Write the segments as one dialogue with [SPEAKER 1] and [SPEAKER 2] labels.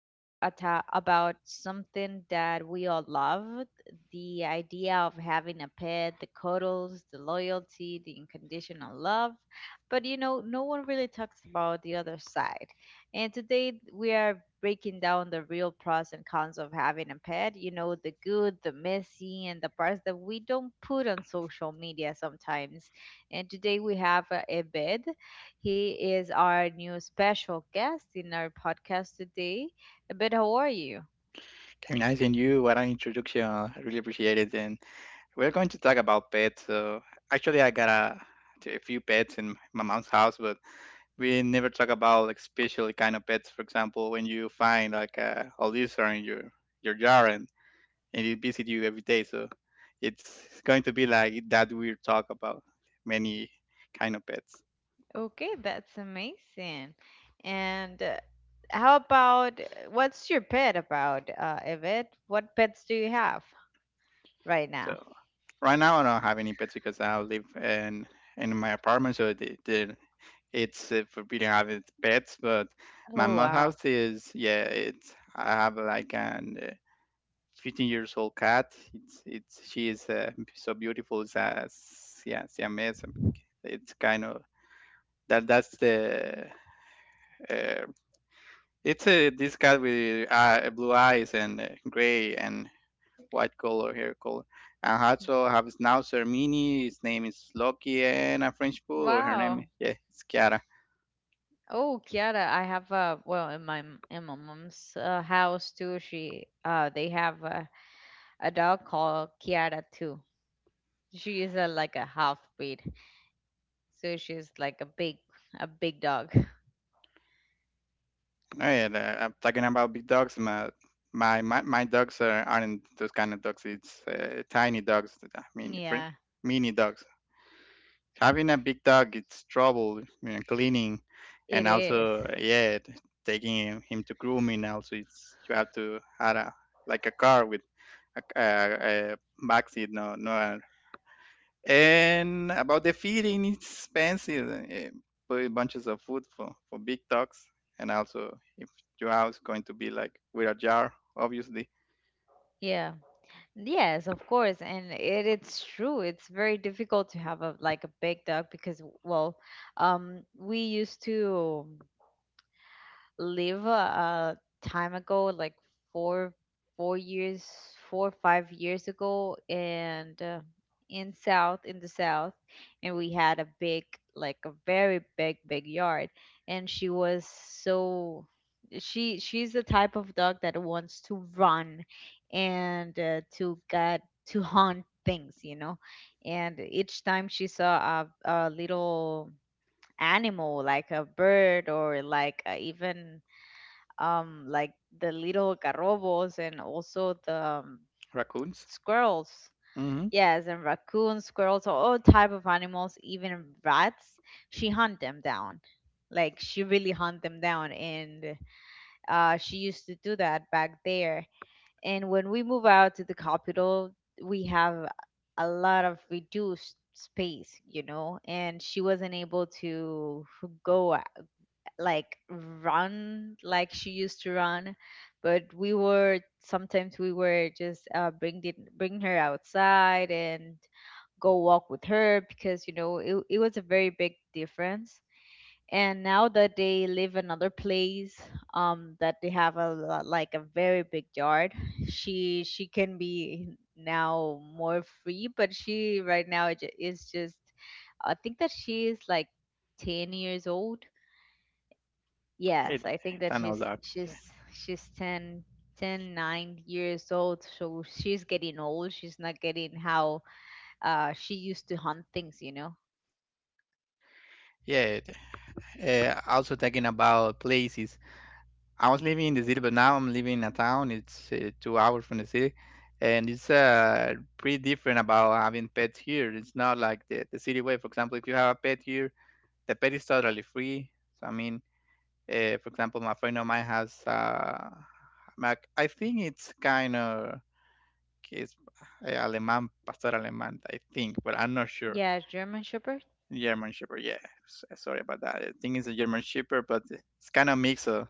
[SPEAKER 1] love ata about something that we all love, the idea of having a pet, the cuddles, the loyalty, the unconditional love. But you know, no one really talks about the other side, and today we are breaking down the real pros and cons of having a pet, the good, the messy, and the parts that we don't put on social media sometimes. And today we have Ebed. He is our new special guest in our podcast today. But how are you?
[SPEAKER 2] Very nice, and you, what an introduction. I really appreciate it. And we're going to talk about pets. So actually, I got a few pets in my mom's house, but we never talk about like special kind of pets. For example, when you find like a lizard in your jar and it visits you every day. So it's going to be like that weird talk about many kind of pets.
[SPEAKER 1] Okay, that's amazing. And how about what's your pet about, Yvette? What pets do you have right now?
[SPEAKER 2] So right now I don't have any pets because I live in my apartment, so they, they're it's forbidden having pets, but my
[SPEAKER 1] Oh
[SPEAKER 2] mom's
[SPEAKER 1] wow,
[SPEAKER 2] house is, yeah. It's, I have like an 15 years old cat. It's She is so beautiful. It's a yeah, Siamese. It's kind of that's the uh, it's a this cat with blue eyes and gray and white color, hair color. And also have a schnauzer mini. His name is Loki, and a French poodle. Her name,
[SPEAKER 1] wow.
[SPEAKER 2] yeah, it's Kiara.
[SPEAKER 1] Oh, Kiara, I have a well in my in my mom's house too. She they have a dog called Kiara too. She is a, like a half breed, so she's like a big, a big dog.
[SPEAKER 2] Oh, yeah, I'm talking about big dogs. My dogs are, aren't those kind of dogs. It's tiny dogs. I mean,
[SPEAKER 1] Yeah,
[SPEAKER 2] mini dogs. Having a big dog, it's trouble. You know, cleaning,
[SPEAKER 1] it
[SPEAKER 2] and
[SPEAKER 1] is.
[SPEAKER 2] also yeah, taking him to grooming. Also, it's you have to have a like a car with a back seat, no. And about the feeding, it's expensive. Put bunches of food for big dogs. And also, if your house going to be like with a jar, obviously,
[SPEAKER 1] Yeah. Yes, of course, and it's true. It's very difficult to have a like a big dog because, well, we used to live a time ago, like four four years, 4 or 5 years ago, and in south, in the south, and we had a big, like a very big, big yard, and she was so, she's the type of dog that wants to run and to get to hunt things, you know. And each time she saw a little animal like a bird or like even like the little garrobos and also the
[SPEAKER 2] raccoons.
[SPEAKER 1] squirrels.
[SPEAKER 2] Mm-hmm.
[SPEAKER 1] Yes, and raccoons, squirrels, so all type of animals, even rats. She hunt them down. Like she really hunt them down, and she used to do that back there. And when we move out to the capital, we have a lot of reduced space, you know. And she wasn't able to go, like run like she used to run, but we were, sometimes we were just bring bring her outside and go walk with her, because you know, it was a very big difference. And now that they live another place, that they have a like a very big yard, she can be now more free, but she right now is just, I think that she is like 10 years old. Yes,
[SPEAKER 2] It,
[SPEAKER 1] I think
[SPEAKER 2] it's
[SPEAKER 1] that
[SPEAKER 2] an all
[SPEAKER 1] she's
[SPEAKER 2] that.
[SPEAKER 1] she's she's ten, 9 years old, so she's getting old. She's not getting how she used to hunt things, you know.
[SPEAKER 2] Yeah. Also, talking about places. I was living in the city, but now I'm living in a town. It's 2 hours from the city. And it's pretty different about having pets here. It's not like the city way. For example, if you have a pet here, the pet is totally free. So, I mean, for example, my friend of mine has Mac. I think it's kind of it's Alemán, Pastor Alemán, I think, but I'm not sure.
[SPEAKER 1] Yeah, German Shepherd.
[SPEAKER 2] German Shepherd, yeah. Sorry about that. I think it's a German Shepherd, but it's kind of mix. Of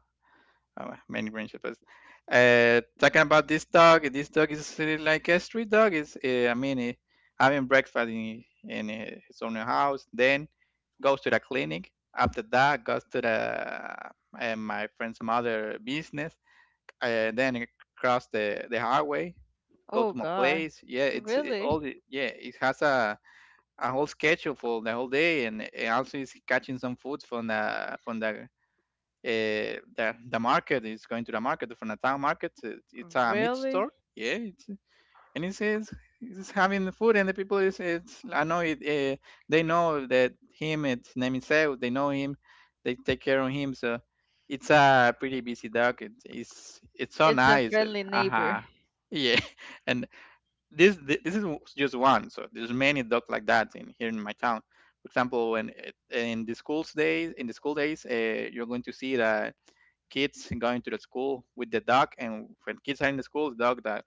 [SPEAKER 2] many many talking about this dog is really like a street dog. Is I mean, having breakfast in his own house, then goes to the clinic. After that, goes to the my friend's mother business. Then it cross the highway, go
[SPEAKER 1] Oh
[SPEAKER 2] to my
[SPEAKER 1] God,
[SPEAKER 2] place. Yeah, it's it,
[SPEAKER 1] really?
[SPEAKER 2] all. The yeah, it has a whole schedule for the whole day, and also is catching some food from the the market is going to the market from the town market. It's a meat
[SPEAKER 1] Really?
[SPEAKER 2] store, yeah, and it's having the food and the people is it's I know it. They know that him. It's name is out. They know him. They take care of him. So it's a pretty busy dog. It's so
[SPEAKER 1] It's a
[SPEAKER 2] nice.
[SPEAKER 1] friendly neighbor.
[SPEAKER 2] Uh-huh. Yeah, and this is just one. So there's many dogs like that in here in my town. For example, when it- in the schools days, in the school days, you're going to see that kids going to the school with the dog, and when kids are in the school, the dog that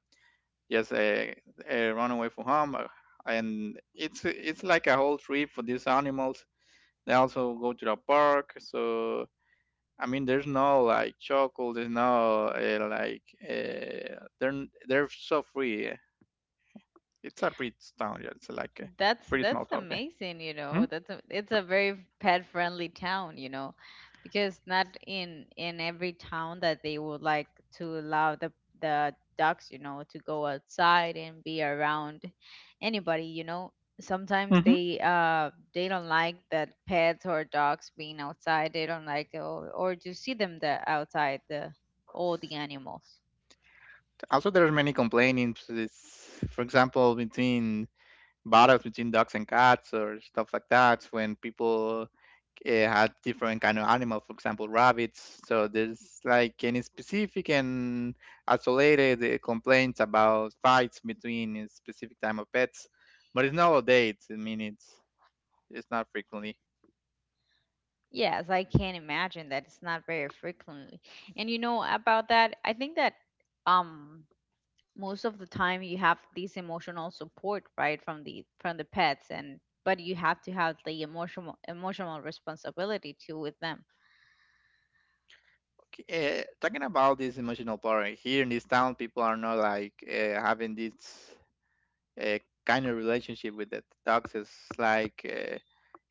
[SPEAKER 2] just run away from home, and it's like a whole trip for these animals. They also go to the park. So I mean, there's no like chocolate, there's no like they're so free. It's a pretty town, yeah. It's like a pretty small
[SPEAKER 1] That's
[SPEAKER 2] town, yeah.
[SPEAKER 1] amazing, you know. That's a, it's a very pet friendly town, you know, because not in, in every town that they would like to allow the ducks, you know, to go outside and be around anybody, you know.
[SPEAKER 2] Mm-hmm.
[SPEAKER 1] Sometimes they don't like that pets or dogs being outside. They don't like, or to see them the outside, the all the animals.
[SPEAKER 2] Also, there's many complainings. It's, for example, between battles between dogs and cats or stuff like that when people had different kind of animals, for example rabbits. So there's like any specific and isolated complaints about fights between a specific type of pets, but it's not all day. It's, I mean, it's not frequently.
[SPEAKER 1] Yes, I can imagine that it's not very frequently. And you know about that, I think that um most of the time you have this emotional support, right, from the pets, and but you have to have the emotional responsibility too with them.
[SPEAKER 2] Okay, talking about this emotional part, here in this town people are not like having this uh, kind of relationship with the dogs. Is like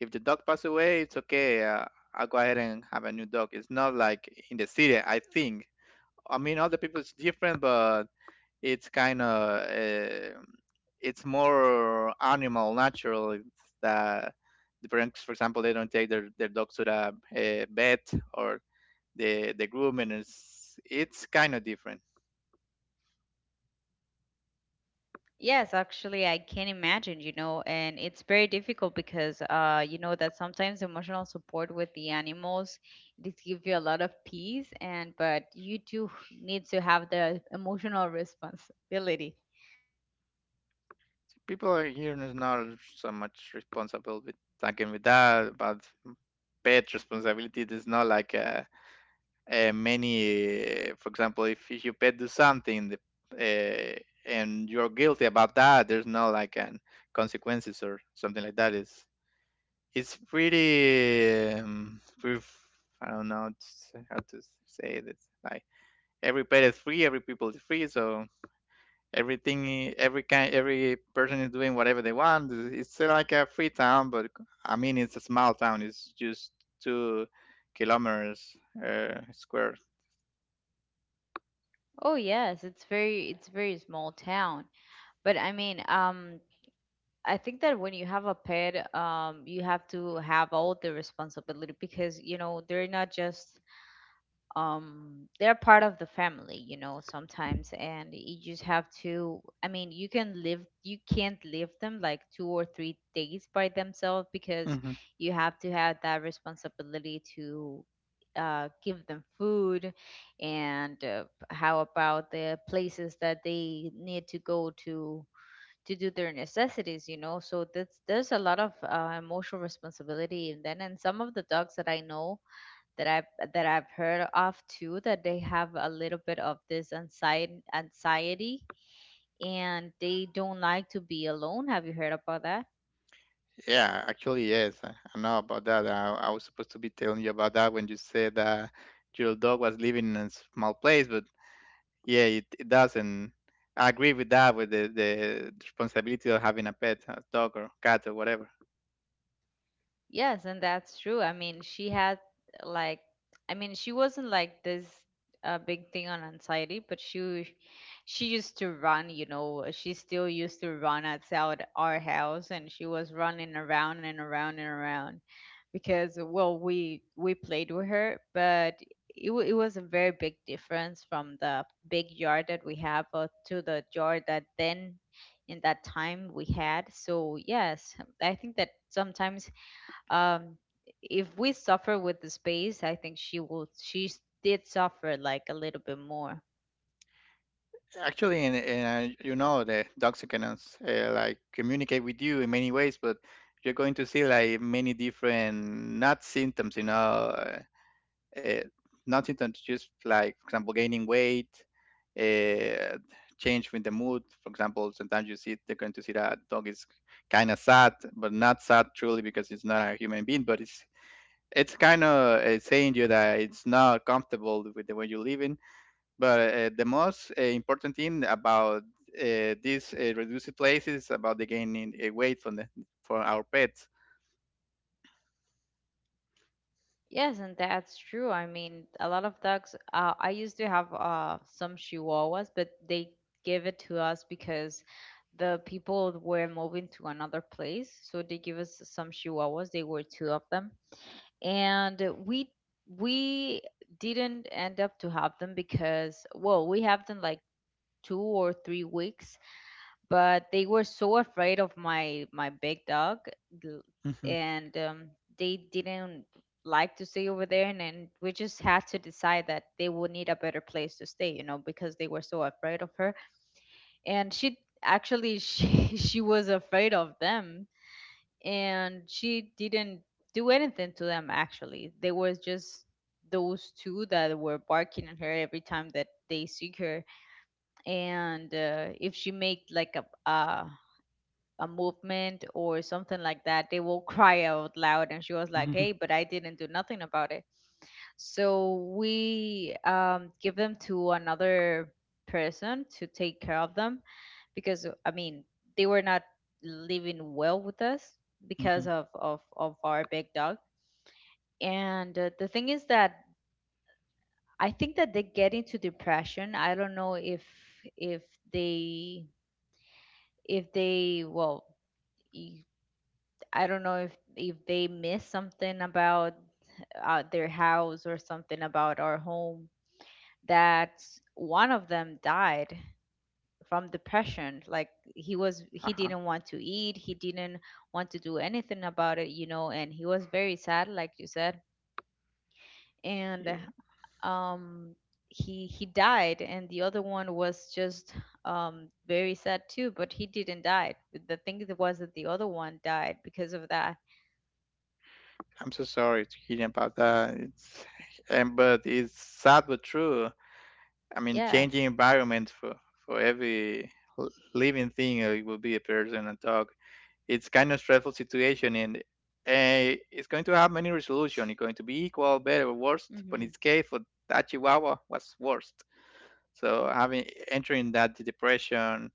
[SPEAKER 2] if the dog pass away, it's okay. Uh, I'll go ahead and have a new dog. It's not like in the city, I think. I mean, other people, it's different, but it's kind of it's more animal natural. It's that the parents, for example, they don't take their dogs to the vet or the grooming. It's kind of different.
[SPEAKER 1] Yes, actually I can imagine, you know, and it's very difficult because you know that sometimes emotional support with the animals, this gives you a lot of peace, and but you do need to have the emotional responsibility.
[SPEAKER 2] People are here is not so much responsible with again with that, but pet responsibility is not like many. For example, if your pet do something uh, and you're guilty about that, there's no like an consequences or something like that. Is it's pretty proof. I don't know how to say this. Like every pet is free, every people is free. So everything, every person is doing whatever they want. It's like a free town. But I mean, it's a small town, it's just 2 kilometers square.
[SPEAKER 1] Oh yes, it's very, it's very small town. But I mean, I think that when you have a pet, you have to have all the responsibility, because you know, they're not just they're part of the family, you know, sometimes, and you just have to, I mean, you can live, you can't leave them like 2 or 3 days by themselves, because
[SPEAKER 2] Hmm.
[SPEAKER 1] you have to have that responsibility to give them food, and how about the places that they need to go to do their necessities, you know. So that's, there's a lot of emotional responsibility. And then, and some of the dogs that I know, that I've heard of too, that they have a little bit of this anxiety, and they don't like to be alone. Have you heard about that?
[SPEAKER 2] Yeah, actually, yes, I know about that. I was supposed to be telling you about that when you said that your dog was living in a small place. But yeah, it does, and I agree with that, with the responsibility of having a pet, a dog or cat or whatever.
[SPEAKER 1] Yes, and that's true. I mean, she had like, I mean, she wasn't like this big thing on anxiety, but she used to run. You know, she still used to run outside our house, and she was running around and around and around, because well, we played with her, but it was a very big difference from the big yard that we have to the yard that then, in that time, we had. So yes, I think that sometimes, um if we suffer with the space, I think she will, did suffer like a little bit more.
[SPEAKER 2] Actually, and you know, the dogs can like communicate with you in many ways, but you're going to see like many different not symptoms, you know, uh, not symptoms, just like for example, gaining weight, uh, change with the mood. For example, sometimes you see they're going to see that dog is kind of sad, but not sad truly because it's not a human being, but it's kind of saying you that it's not comfortable with the way you're living. But the most important thing about these reduced places is about the gaining weight from the for our pets.
[SPEAKER 1] Yes, and that's true, I mean a lot of dogs, I used to have some chihuahuas, but they give it to us because the people were moving to another place, so they give us some chihuahuas. They were two of them, and we didn't end up to have them, because well, we have them like 2 or 3 weeks, but they were so afraid of my big dog, l-
[SPEAKER 2] Hmm.
[SPEAKER 1] and they didn't like to stay over there, and we just had to decide that they would need a better place to stay, you know, because they were so afraid of her. And she actually she was afraid of them, and she didn't do anything to them, actually. They were just those two that were barking at her every time that they see her. And if she made like a movement or something like that, they will cry out loud. And she was like,
[SPEAKER 2] Hmm.
[SPEAKER 1] hey, but I didn't do nothing about it. So we give them to another person to take care of them, because, I mean, they were not living well with us
[SPEAKER 2] Hmm.
[SPEAKER 1] because of our big dog. And the thing is that I think that they get into depression. I don't know if, if they well, y- I don't know if, they miss something about their house or something about our home, that one of them died from depression. Like he was, he
[SPEAKER 2] Uh,
[SPEAKER 1] didn't want to eat, he didn't want to do anything about it, you know, and he was very sad, like you said. And um he died, and the other one was just very sad too, but he didn't die. The thing that was, that the other one died because of that.
[SPEAKER 2] I'm so sorry to hear about that. And but it's sad but true. I mean, changing
[SPEAKER 1] Yes.
[SPEAKER 2] environment for every living thing. Uh, it will be a person and dog. It's kind of stressful situation, and it's going to have many resolution. It's going to be equal better or worst, but in
[SPEAKER 1] Mm-hmm.
[SPEAKER 2] this case for that chihuahua was worst. So having entering that depression,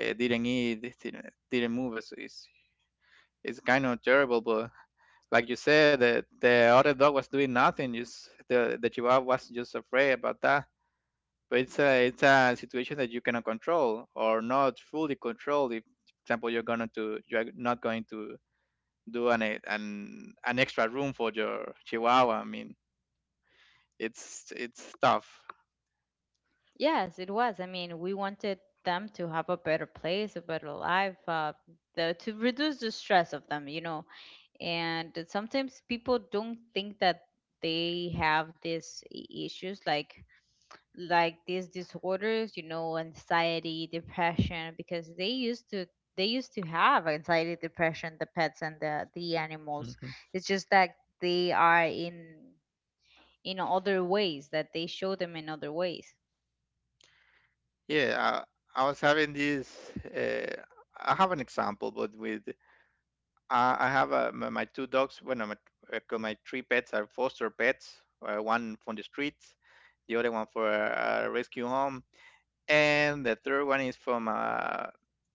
[SPEAKER 2] didn't eat, didn't move, is, it's kind of terrible. But like you said, the other dog was doing nothing. Just the chihuahua was just afraid about that. But it's a situation that you cannot control or not fully control if, for example, you're not going to do an e- an an extra room for your chihuahua. I mean, it's tough.
[SPEAKER 1] Yes, it was. I mean, we wanted them to have a better place, a better life, the, to reduce the stress of them, you know. And sometimes people don't think that they have these issues, like these disorders, you know, anxiety, depression, because they used to, they used to have anxiety, depression, the pets and the animals.
[SPEAKER 2] Mhm.
[SPEAKER 1] It's just that they are in other ways, that they show them in other ways.
[SPEAKER 2] Yeah, I was having this. I have an example, but with I have my two dogs. Well, no, my three pets are foster pets. One from the streets, the other one for a rescue home, and the third one is from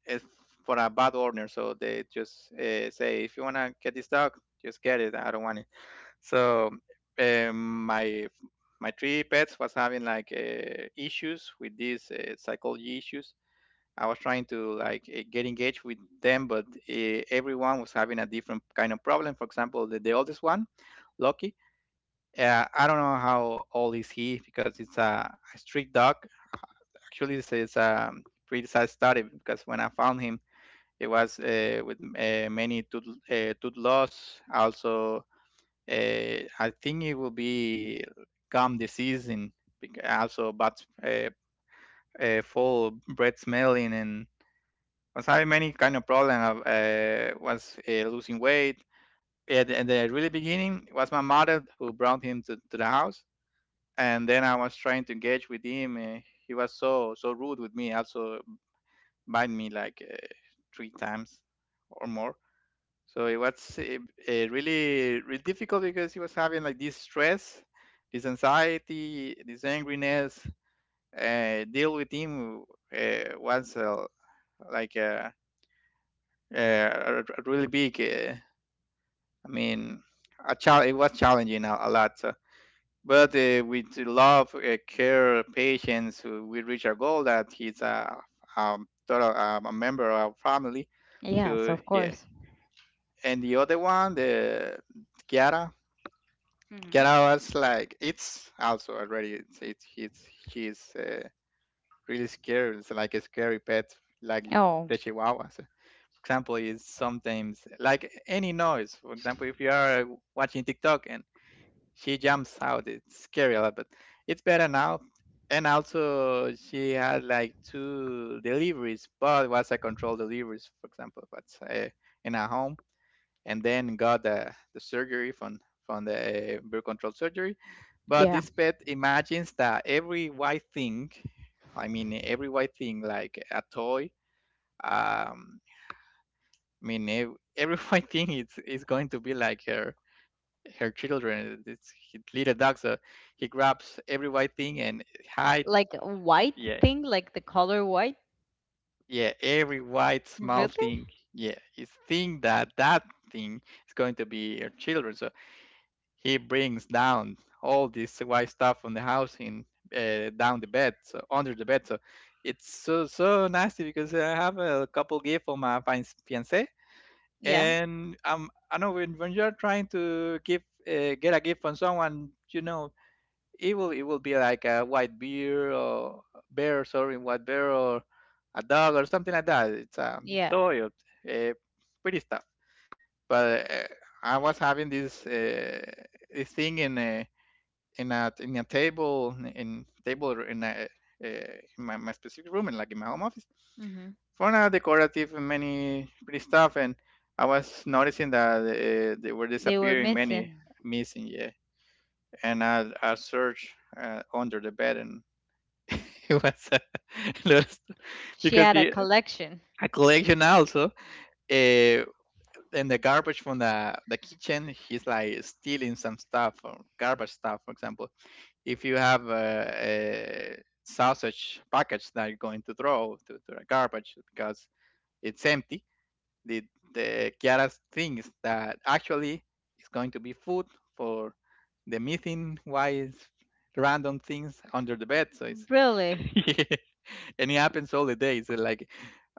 [SPEAKER 2] is for a bad owner. So they just say, if you wanna get this dog, just get it. I don't want it. So um, my my three pets was having like issues with these psychology issues. I was trying to like get engaged with them, but everyone was having a different kind of problem. For example, the oldest one, Loki. I don't know how old is he because it's a street dog. Actually, it's a pretty sad story because when I found him, it was with many tooth, tooth loss. Also, uh, I think it will be gum disease and also bad uh, full bread smelling and was having many kind of problem. Was losing weight. At the really beginning, it was my mother who brought him to the house, and then I was trying to engage with him. He was so rude with me. Also, bite me like three times or more. So it was really really difficult because he was having like this stress, this anxiety, this angriness. Deal with him was like. Uh, a really big I mean, it was challenging a lot, but with love, care, patience, we reached our goal that he's a total, a member of our family.
[SPEAKER 1] Yes,
[SPEAKER 2] So
[SPEAKER 1] of
[SPEAKER 2] yeah,
[SPEAKER 1] course.
[SPEAKER 2] and the other one, the Kiara,
[SPEAKER 1] Mhm.
[SPEAKER 2] Kiara was like, it's also already it's she's really scary. It's like a scary pet, like
[SPEAKER 1] Oh,
[SPEAKER 2] the Chihuahua. So, for example, is sometimes like any noise. For example, if you are watching TikTok and she jumps out. It's scary a lot, but it's better now. And also, she had like two deliveries, but was a controlled deliveries, for example, but uh, in her home, and then got the surgery from the birth control surgery. But
[SPEAKER 1] yeah.
[SPEAKER 2] this pet imagines that every white thing, I mean every white thing, like a toy, um, I mean every white thing is going to be like her children. It's his little dog, so he grabs every white thing and hide.
[SPEAKER 1] Like a white
[SPEAKER 2] Yeah,
[SPEAKER 1] thing, like the color white.
[SPEAKER 2] yeah, every white small
[SPEAKER 1] Really?
[SPEAKER 2] thing. Yeah, he's think that that thing is going to be her children. So he brings down all this white stuff from the house in down the bed, so under the bed. So it's so so nasty because I have a couple gift for my fiance
[SPEAKER 1] Yeah,
[SPEAKER 2] and I know when you're trying to give get a gift from someone, it will be like a white bear or bear sorry white bear or a dog or something like that it's a
[SPEAKER 1] yeah.
[SPEAKER 2] toy or uh, pretty stuff but I was having this thing in a table in table or in a uh, in my specific room and like in my home office
[SPEAKER 1] Mhm.
[SPEAKER 2] for now decorative and many pretty stuff and I was noticing that they were
[SPEAKER 1] They were
[SPEAKER 2] disappearing many
[SPEAKER 1] missing.
[SPEAKER 2] missing, yeah, and I searched under the bed and it was a lot of stuff.
[SPEAKER 1] She
[SPEAKER 2] Because
[SPEAKER 1] had a
[SPEAKER 2] he
[SPEAKER 1] collection.
[SPEAKER 2] a collection also uh, and the garbage from the kitchen he's like stealing some stuff or garbage stuff. For example, if you have a sausage package that you're going to throw to the garbage because it's empty, the the Kiara thinks that actually it's going to be food for the missing wise random things under the bed. So it's
[SPEAKER 1] Really?
[SPEAKER 2] and it happens all the days. Like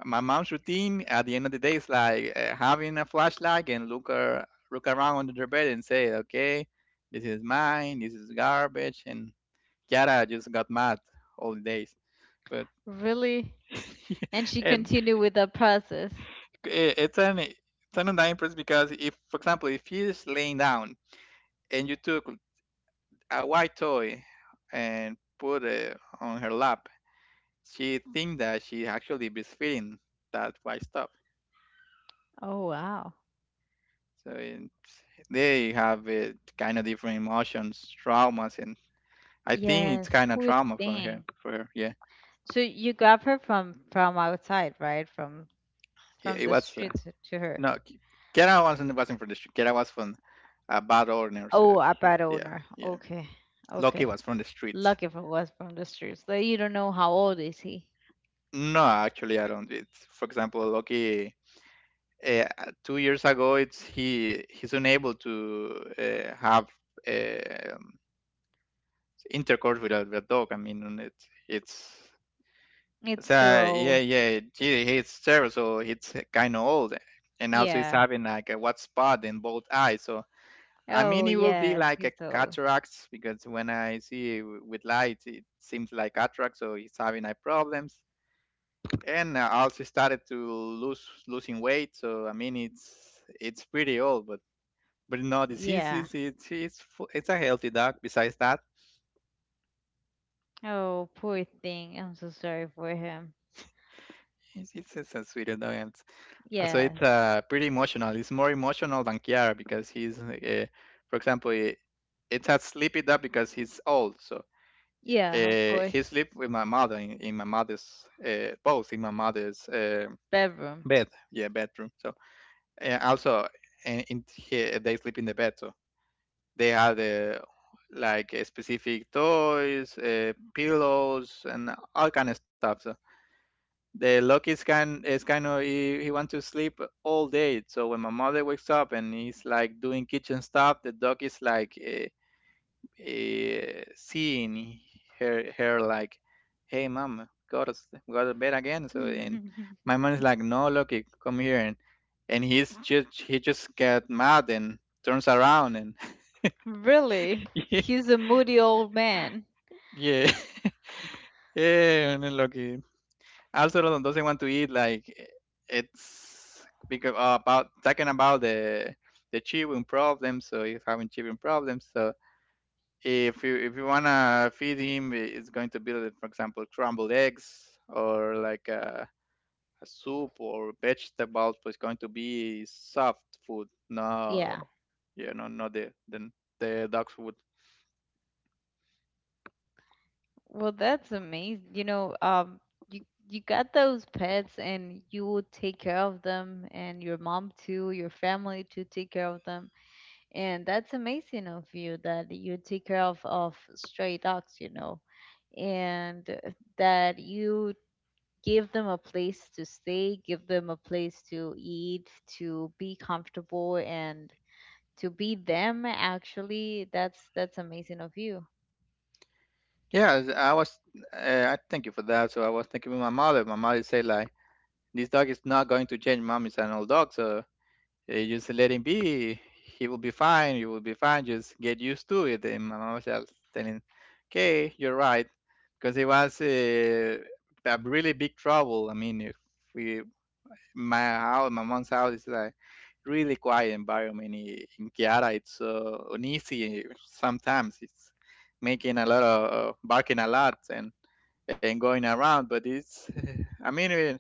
[SPEAKER 2] my mom's routine at the end of the day is like having a flashlight and look around under their bed and say, okay, this is mine, this is garbage, and Kiara just got mad all the days. But
[SPEAKER 1] Really? And she
[SPEAKER 2] and
[SPEAKER 1] continued with the process.
[SPEAKER 2] i- it's an undying process because if, for example, if he laying down and you took a white toy and put it on her lap, she think that she actually is feeling that white stuff.
[SPEAKER 1] Oh wow.
[SPEAKER 2] So they have it kind of different emotions, traumas, and I think it's
[SPEAKER 1] Yes,
[SPEAKER 2] kind of
[SPEAKER 1] poor
[SPEAKER 2] trauma from her.
[SPEAKER 1] thing.
[SPEAKER 2] For her, yeah,
[SPEAKER 1] So you grab her from outside, right?
[SPEAKER 2] yeah,
[SPEAKER 1] From
[SPEAKER 2] it
[SPEAKER 1] the
[SPEAKER 2] was
[SPEAKER 1] streets to her.
[SPEAKER 2] no. Kera wasn't from the street. Kera was from a bad owner. So
[SPEAKER 1] Oh, a
[SPEAKER 2] yeah,
[SPEAKER 1] bad
[SPEAKER 2] yeah,
[SPEAKER 1] owner.
[SPEAKER 2] yeah.
[SPEAKER 1] Okay,
[SPEAKER 2] Loki
[SPEAKER 1] okay.
[SPEAKER 2] was from the streets.
[SPEAKER 1] Lucky if it was from the streets. Like you don't know how old is he.
[SPEAKER 2] No, actually, I don't. It's, for example, Loki. Uh, 2 years ago, it's he he's unable to have uh, intercourse with with a dog. I mean, it's
[SPEAKER 1] It's too
[SPEAKER 2] so yeah,
[SPEAKER 1] old.
[SPEAKER 2] yeah, gee, he's terrible. So he's kind of old, and also he's
[SPEAKER 1] Yeah.
[SPEAKER 2] having like a white spot in both eyes. So I mean,
[SPEAKER 1] Oh,
[SPEAKER 2] it will be
[SPEAKER 1] yes,
[SPEAKER 2] like a
[SPEAKER 1] he's old.
[SPEAKER 2] cataracts because when I see with light, it seems like cataract. So he's having eye problems, and I also started to lose losing weight. So I mean, it's pretty old, but no
[SPEAKER 1] Yeah.
[SPEAKER 2] diseases. It's a healthy dog. Besides that,
[SPEAKER 1] Oh, poor thing. I'm so sorry for him.
[SPEAKER 2] it's a sweet dog. So it's
[SPEAKER 1] Yes.
[SPEAKER 2] pretty emotional. It's more emotional than Kiara because for example, it's a sleepy dog because he's old. So
[SPEAKER 1] Yeah, of course.
[SPEAKER 2] he sleep with my mother in my mother's both in my mother's
[SPEAKER 1] Bedroom.
[SPEAKER 2] bed, yeah, bedroom. So and also they sleep in the bed. So they had like specific toys, pillows, and all kind of stuff. So the lucky's kind is kind of he wants to sleep all day, so when my mother wakes up and he's like doing kitchen stuff, the dog is like seeing her like, hey mom, go to bed again. So and my mom is like, no Lucky, come here, and he just get mad and turns around and
[SPEAKER 1] Really?
[SPEAKER 2] yeah,
[SPEAKER 1] He's a moody old man.
[SPEAKER 2] yeah, yeah. And then Lucky also London doesn't want to eat like, it's because about talking about the chewing problem. So he's having chewing problems, so if you wanna feed him, it's going to be like, for example, crumbled eggs or like a soup or vegetables, but it's going to be soft food. No,
[SPEAKER 1] Yeah.
[SPEAKER 2] yeah, no, not the dog food.
[SPEAKER 1] Well, that's amazing. You know, you you got those pets, and you will take care of them, and your mom too, your family, to take care of them. And that's amazing of you, that you take care of stray dogs, you know. And that you give them a place to stay, give them a place to eat, to be comfortable, and to be them. Actually, that's amazing of you.
[SPEAKER 2] Yeah, I thank you for that. So I was thinking with My mother said like, this dog is not going to change. Mom is an old dog, so just let him be. He will be fine. You will be fine. Just get used to it. And my mom was just telling, okay, you're right, because it was a really big trouble. I mean, if we my house, my mom's house is like really quiet environment in Kiara. It's so uneasy sometimes. It's making a lot of barking a lot and going around. But it's I mean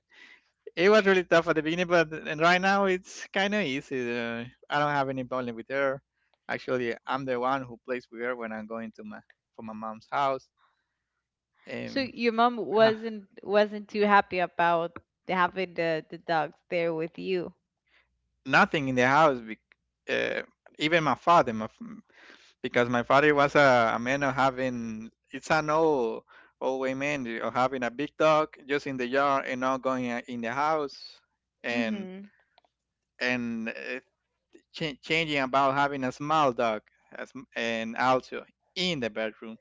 [SPEAKER 2] it was really tough at the beginning, but and right now it's kind of easy. I don't have any problem with her. Actually, I'm the one who plays with her when I'm going to my for my mom's house.
[SPEAKER 1] So
[SPEAKER 2] And
[SPEAKER 1] your mom
[SPEAKER 2] ha-
[SPEAKER 1] wasn't too happy about having the dogs there with you.
[SPEAKER 2] nothing in the house. Uh, even my father, because my father was a man of having. It's an old old way man of having a big dog just in the yard and not going in the house. And
[SPEAKER 1] Mhm.
[SPEAKER 2] and changing about having a small dog as, and also in the bedroom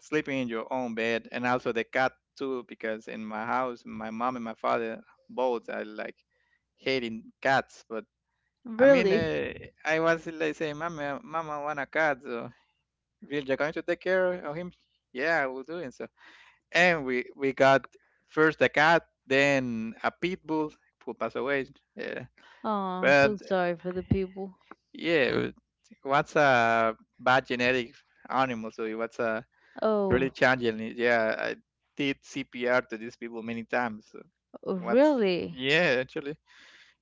[SPEAKER 2] sleeping in your own bed and also the cat too because in my house my mom and my father both are like hating cats. But I mean
[SPEAKER 1] Really?
[SPEAKER 2] I was like saying, mama, mama, I want a cat. So, if you're going to take care of him, yeah, I will do it. So and we got first a cat, then a pit bull who passed away, yeah.
[SPEAKER 1] Oh,
[SPEAKER 2] But
[SPEAKER 1] so sorry for the people.
[SPEAKER 2] yeah, what's a bad genetic animal. So what's a
[SPEAKER 1] Oh,
[SPEAKER 2] really challenging? Yeah, I did CPR to these people many times. So what's,
[SPEAKER 1] really?
[SPEAKER 2] yeah, actually,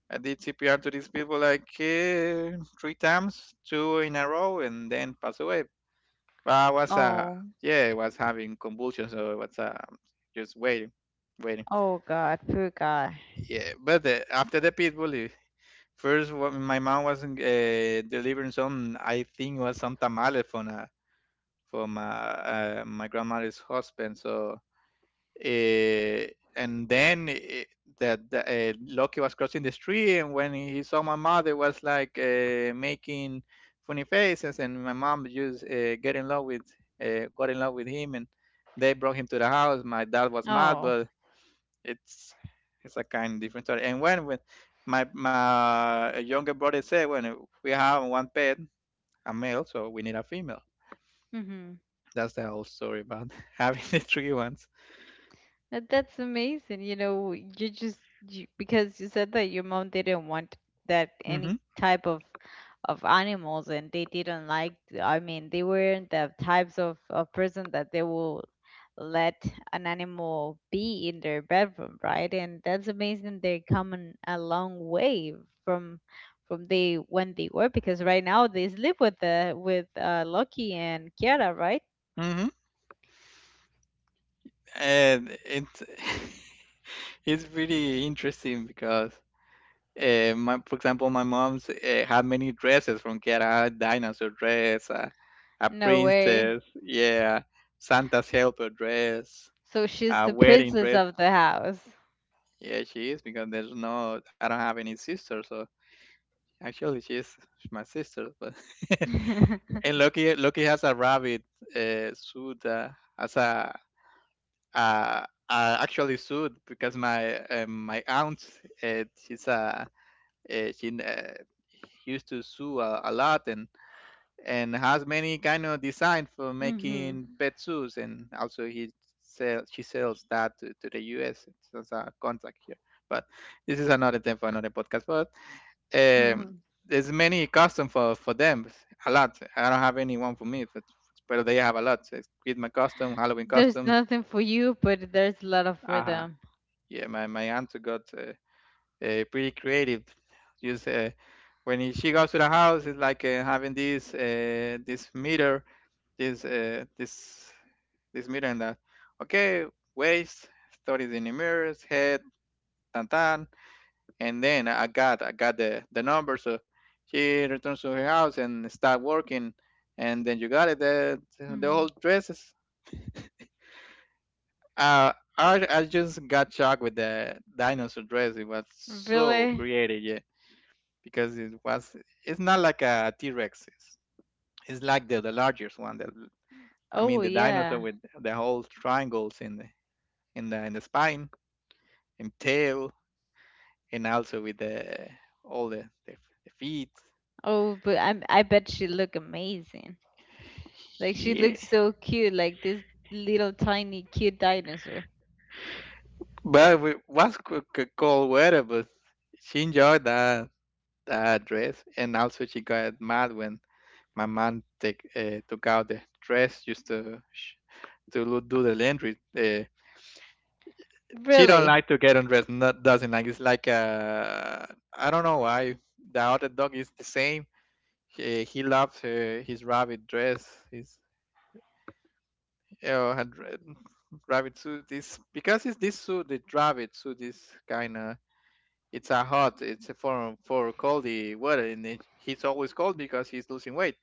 [SPEAKER 2] I did CPR to these people like three times, two in a row, and then pass away. But I was
[SPEAKER 1] Oh,
[SPEAKER 2] yeah, I was having convulsions, so it was just waiting, waiting.
[SPEAKER 1] oh God, poor guy.
[SPEAKER 2] Yeah, but after the pitbull, first my mom was delivering some, I think it was some tamales from a for my grandmother's husband. So uh, and then Loki was crossing the street, and when he saw my mother, was like making funny faces, and my mom just get in love with got in love with him, and they brought him to the house. My dad was mad,
[SPEAKER 1] Oh.
[SPEAKER 2] but it's it's a kind of different story. And when my younger brother said, when we have one pet, a male, so we need a female,
[SPEAKER 1] Mhm.
[SPEAKER 2] that's the whole story about having the three ones.
[SPEAKER 1] That's amazing. You know, you just you, because you said that your mom didn't want that any
[SPEAKER 2] Mm-hmm.
[SPEAKER 1] type of animals, and they didn't like, I mean, they weren't the types of person that they will let an animal be in their bedroom, right? And that's amazing, they're coming a long way from from they when they were, because right now they live with Loki and Kiara, right?
[SPEAKER 2] Mm-hmm. And it's it's really interesting because, for example, my mom's had many dresses from Get Out, dinosaur dress, a
[SPEAKER 1] No way.
[SPEAKER 2] princess, yeah, Santa's helper dress,
[SPEAKER 1] So she's
[SPEAKER 2] a
[SPEAKER 1] the
[SPEAKER 2] wedding
[SPEAKER 1] princess
[SPEAKER 2] dress.
[SPEAKER 1] of the house.
[SPEAKER 2] Yeah, she is because there's no, I don't have any sister, so actually she's my sister. But and Loki has a rabbit suit as a are actually sued because my aunt she's she used to sew a lot and has many kind of design for
[SPEAKER 1] Hmm.
[SPEAKER 2] making pet suits, and also he sell she sells that to the US, so it's a contract here. But this is another thing for another podcast. But um there's many custom for them a lot. I don't have any one for me, but they have a lot. So it's Christmas custom, Halloween
[SPEAKER 1] There's
[SPEAKER 2] customs.
[SPEAKER 1] nothing for you, but there's a lot of for them.
[SPEAKER 2] Yeah, my aunt got pretty creative. Just when she goes to the house, it's like having this this meter, this uh, this this meter and that. Okay, waist, stories in the mirrors, head, tan tan, and then I got the number. So she returns to her house and start working, and then you got it. The whole
[SPEAKER 1] Hmm.
[SPEAKER 2] dresses. I just got shocked with the dinosaur dress. It was so
[SPEAKER 1] Really?
[SPEAKER 2] creative, yeah. Because it's not like a T-Rex. It's like the largest one. The, I mean
[SPEAKER 1] Oh,
[SPEAKER 2] the dinosaur
[SPEAKER 1] yeah.
[SPEAKER 2] with the whole triangles in the spine and tail, and also with the all the feet.
[SPEAKER 1] Oh, but I bet she look amazing. Like she
[SPEAKER 2] Yeah,
[SPEAKER 1] looks so cute, like this little tiny cute dinosaur.
[SPEAKER 2] but it was cold weather, but she enjoyed that dress, and also she got mad when my mom take took out the dress just to do the laundry. She don't
[SPEAKER 1] Really?
[SPEAKER 2] like to get undressed. Not, doesn't like. It's like I don't know why. The other dog is the same. He loves his rabbit dress. His uh, her dre- rabbit suit is because it's this suit, the rabbit suit is kind of it's a hot. It's a form for cold the weather, and it, he's always cold because he's losing weight.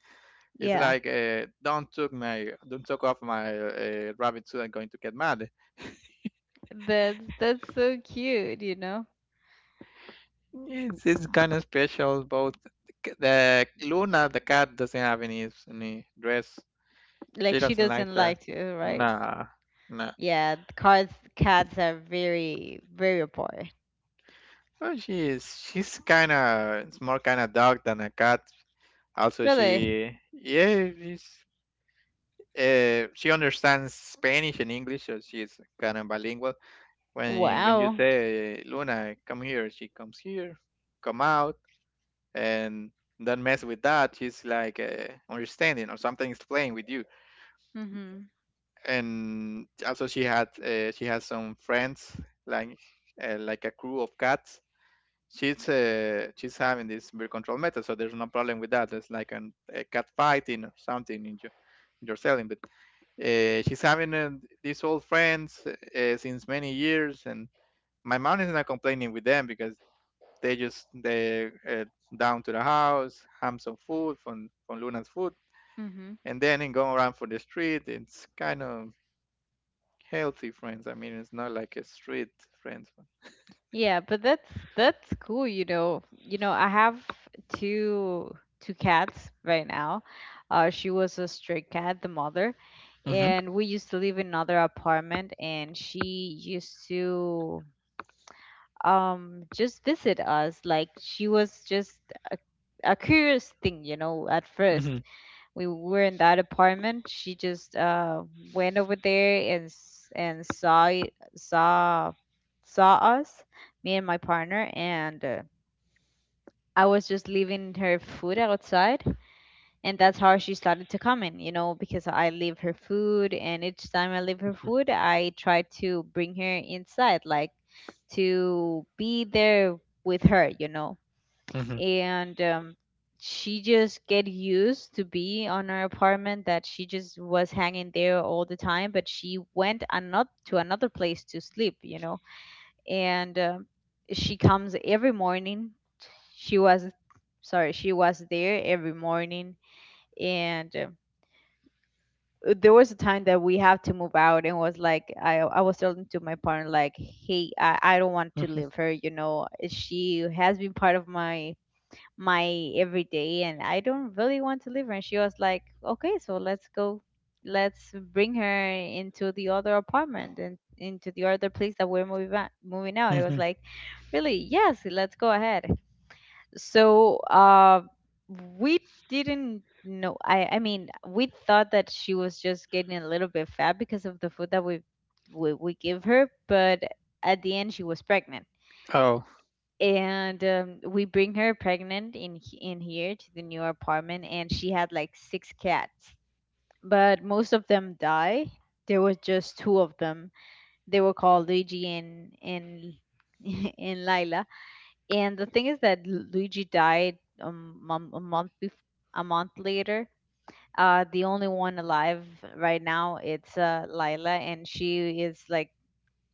[SPEAKER 2] It's
[SPEAKER 1] Yeah.
[SPEAKER 2] like don't took my don't took off my rabbit suit. I'm going to get mad.
[SPEAKER 1] That's so cute, you know?
[SPEAKER 2] Yes, it's kind of special. Both the Luna, the cat, doesn't have any dress. She
[SPEAKER 1] Like she
[SPEAKER 2] doesn't like
[SPEAKER 1] doesn't
[SPEAKER 2] that.
[SPEAKER 1] like to, right?
[SPEAKER 2] Nah, nah.
[SPEAKER 1] Yeah, cats are very very apart.
[SPEAKER 2] Well, she is. She's kind of. It's more kind of dog than a cat. Also,
[SPEAKER 1] Really?
[SPEAKER 2] she yeah, she understands Spanish and English, so she's kind of bilingual. When you
[SPEAKER 1] Wow.
[SPEAKER 2] say Luna, come here, she comes here. Come out, and don't mess with that. She's like understanding or something is playing with you.
[SPEAKER 1] Mhm.
[SPEAKER 2] And also she has some friends like like a crew of cats. She's having this birth control method, so there's no problem with that. It's like a cat fighting or something in your selling, but she's having these old friends since many years, and my mom is not complaining with them because they down to the house, have some food from Luna's food, and then in going around for the street. It's kind of healthy friends. I mean, it's not like a street friends.
[SPEAKER 1] Yeah, but that's cool, you know. You know, I have two two cats right now. She was a stray cat, the mother,
[SPEAKER 2] Mm-hmm.
[SPEAKER 1] and we used to live in another apartment, and she used to just visit us. Like she was just a, a curious thing, you know, at first
[SPEAKER 2] Mm-hmm.
[SPEAKER 1] we were in that apartment. She just went over there and and saw it saw saw us, me and my partner, and I was just leaving her food outside, and that's how she started to come in, you know, because I leave her food, and each time I leave her food, I try to bring her inside, like to be there with her, you know.
[SPEAKER 2] Mm-hmm.
[SPEAKER 1] And she just get used to be on her apartment, that she just was hanging there all the time, but she went another to another place to sleep, you know. And she comes every morning, she was sorry she was there every morning. And there was a time that we have to move out, and was like, I was telling to my partner like, hey, I don't want to
[SPEAKER 2] Mm-hmm.
[SPEAKER 1] leave her, you know, she has been part of my everyday, and I don't really want to leave her. And she was like, okay, so let's go, let's bring her into the other apartment, and into the other place that we're moving out, moving out. It
[SPEAKER 2] Mm-hmm.
[SPEAKER 1] was like, really? Yes, let's go ahead. So we didn't know. I mean, we thought that she was just getting a little bit fat because of the food that we we give her, but at the end she was pregnant.
[SPEAKER 2] Oh,
[SPEAKER 1] And we bring her pregnant in here to the new apartment, and she had like six cats, but most of them die. There was just two of them. They were called Luigi and and Lila. And the thing is that Luigi died, a month later. The only one alive right now, it's Lila, and she is like,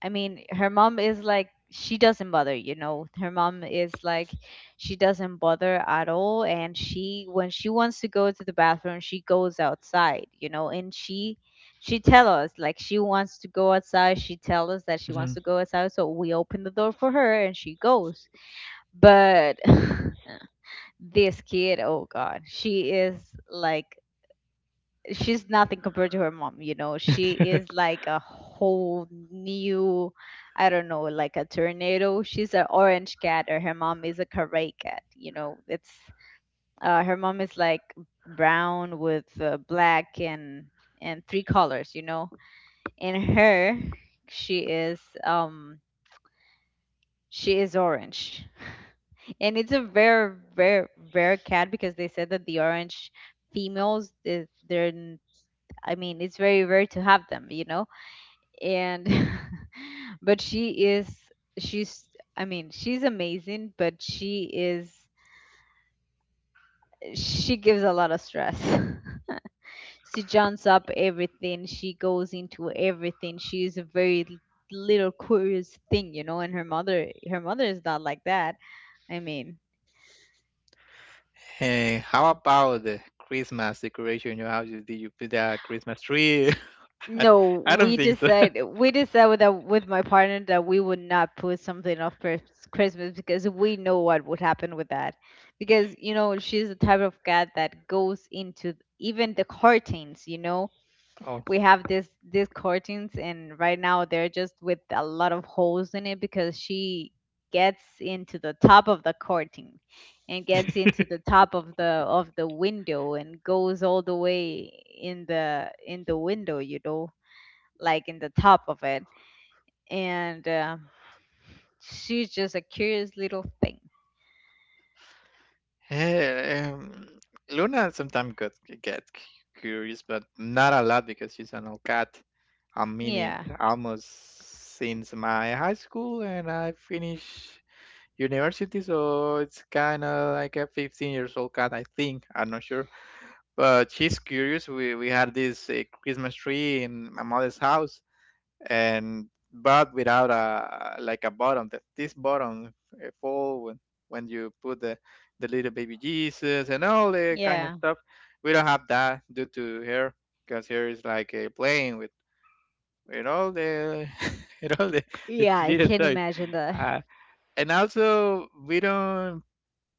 [SPEAKER 1] I mean, her mom is like, she doesn't bother. Her mom is like, she doesn't bother at all, and she when she wants to go to the bathroom, she goes outside, and she tell us like she wants to go outside, she tell us that she wants
[SPEAKER 2] mm-hmm.
[SPEAKER 1] to go outside, so we open the door for her and she goes. But this kid, oh god, she is like, she's nothing compared to her mom, you know, she is like a whole new, I don't know, like a tornado. She's an orange cat, or her mom is a caray cat, you know. It's her mom is like brown with black and three colors. And her she is um she is orange, and it's a very very rare cat, because they said that the orange females, I mean, it's very rare to have them, you know. And but she's, I mean, she's amazing, but she gives a lot of stress. She jumps up everything, she goes into everything. She is a very little curious thing, you know, and her mother is not like that. I mean,
[SPEAKER 2] Hey, how about the Christmas decoration in your house? Did you put a Christmas tree? I
[SPEAKER 1] no,
[SPEAKER 2] I don't
[SPEAKER 1] we
[SPEAKER 2] think so.
[SPEAKER 1] decide we decided that with my partner, that we would not put something off for Christmas, because we know what would happen with that. Because, you know, she's the type of cat that goes into even the curtains. You know,
[SPEAKER 2] Oh,
[SPEAKER 1] we have this these curtains, and right now they're just with a lot of holes in it, because she gets into the top of the curtain and gets into the top of the window, and goes all the way in the window. You know, like in the top of it. And she's just a curious little thing.
[SPEAKER 2] hey, Luna sometimes got get cu- curious, but not a lot because she's an old cat. I mean it
[SPEAKER 1] Yeah,
[SPEAKER 2] almost since my high school and I finished university, so it's kind of like a 15 years old cat, I think. I'm not sure, but she's curious. We had this Christmas tree in my mother's house, and but without a like a bottom. That this bottom fall when you put the little baby Jesus and all the kind of
[SPEAKER 1] yeah,
[SPEAKER 2] stuff. We don't have that due to here because here is like playing with all the with all the
[SPEAKER 1] yeah. I
[SPEAKER 2] little
[SPEAKER 1] can
[SPEAKER 2] toys.
[SPEAKER 1] imagine that.
[SPEAKER 2] Uh, and also we don't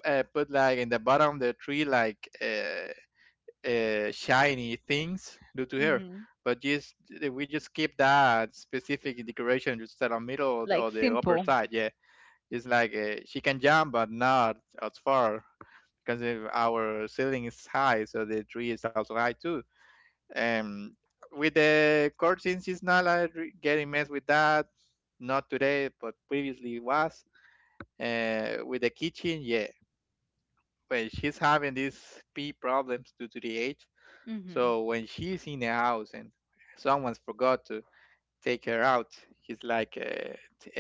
[SPEAKER 2] uh, put like in the bottom the tree like. Shiny things due to her.
[SPEAKER 1] Hmm.
[SPEAKER 2] But just we just keep that specific decoration just at the middle
[SPEAKER 1] Like
[SPEAKER 2] or the upper
[SPEAKER 1] simple.
[SPEAKER 2] side. Yeah, it's like she can jump, but not as far because if our ceiling is high, so the tree is also high too. Um, with the curtains, it's not like re- getting messed with that. Not today, but previously it was. With the kitchen, yeah. Well, she's having these pee problems due to the age,
[SPEAKER 1] Hmm.
[SPEAKER 2] so when she's in the house and someone's forgot to take her out, he's like t-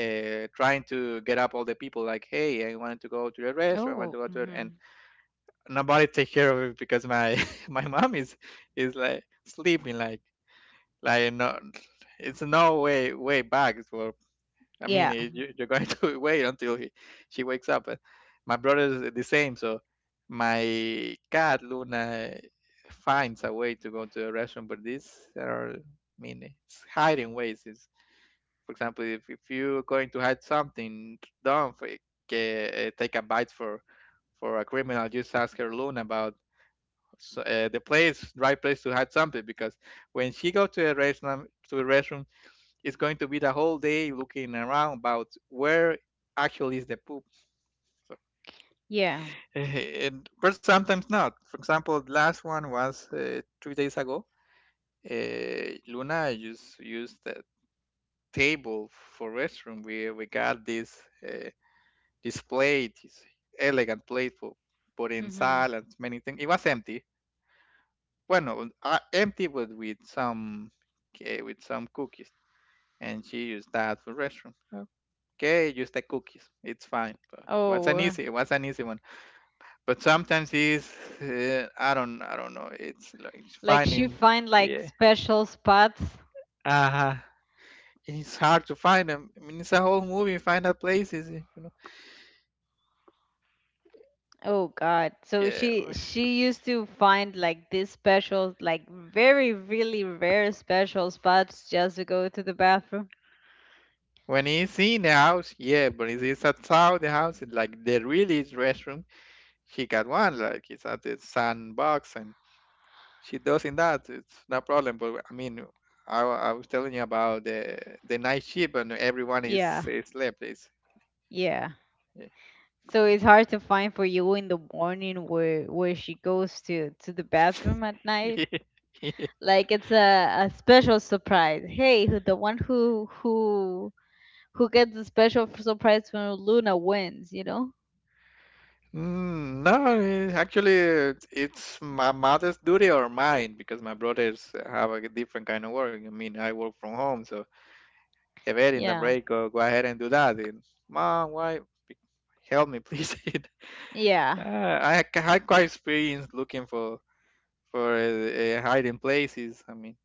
[SPEAKER 2] trying to get up all the people, like, "Hey, I want to go to the restaurant. I want
[SPEAKER 1] Oh.
[SPEAKER 2] to go to," it," and
[SPEAKER 1] Hmm.
[SPEAKER 2] nobody take care of it because my my mom is like sleeping, like no, it's no way back for I mean,
[SPEAKER 1] Yeah,
[SPEAKER 2] you're going to wait until she wakes up. But my brother is the same. So my cat Luna finds a way to go to the restroom, but these are, I mean, it's hiding ways. It's, for example, if you're going to hide something, don't fake, take a bite for a criminal. Just ask her Luna about so, the place, right place to hide something, because when she go to the restroom it's going to be the whole day looking around about where actually is the poop. So,
[SPEAKER 1] yeah.
[SPEAKER 2] and, but sometimes not. For example, the last one was 3 days ago. Luna used the table for restroom. We got this uh, this plate, this elegant plate for putting
[SPEAKER 1] Hmm.
[SPEAKER 2] salt and many things. It was empty. Well, no, empty, but with some cookies, and she used that for restroom. Okay, use the cookies. It's fine. But what's
[SPEAKER 1] Oh,
[SPEAKER 2] an
[SPEAKER 1] uh,
[SPEAKER 2] easy? What's an easy one? But sometimes it's I don't know. It's like
[SPEAKER 1] like she
[SPEAKER 2] finding
[SPEAKER 1] find like
[SPEAKER 2] yeah.
[SPEAKER 1] special spots.
[SPEAKER 2] Uh huh. It's hard to find them. I mean, it's a whole movie. Find out places, you know.
[SPEAKER 1] Oh God. So
[SPEAKER 2] Yeah.
[SPEAKER 1] she used to find like these special, like very really rare special spots, just to go to the bathroom.
[SPEAKER 2] When he's in the house, yeah. But if it's outside the house, it's like the really is restroom. He got one. Like it's at the sandbox, and she does in that. It's no problem. But I mean, I was telling you about the night shift and everyone
[SPEAKER 1] Yeah,
[SPEAKER 2] is slept. It's,
[SPEAKER 1] yeah. So it's hard to find for you in the morning, where she goes to the bathroom at night. Like it's a special surprise. Hey, who the one who gets the special surprise when Luna wins, you know?
[SPEAKER 2] mm, no, actually, it's my mother's duty or mine because my brothers have a different kind of work. I mean, I work from home, so if it in the
[SPEAKER 1] Yeah.
[SPEAKER 2] break, go, go ahead and do that. And mom, why? be- Help me, please.
[SPEAKER 1] Yeah.
[SPEAKER 2] I had quite experience looking for hiding places. I mean.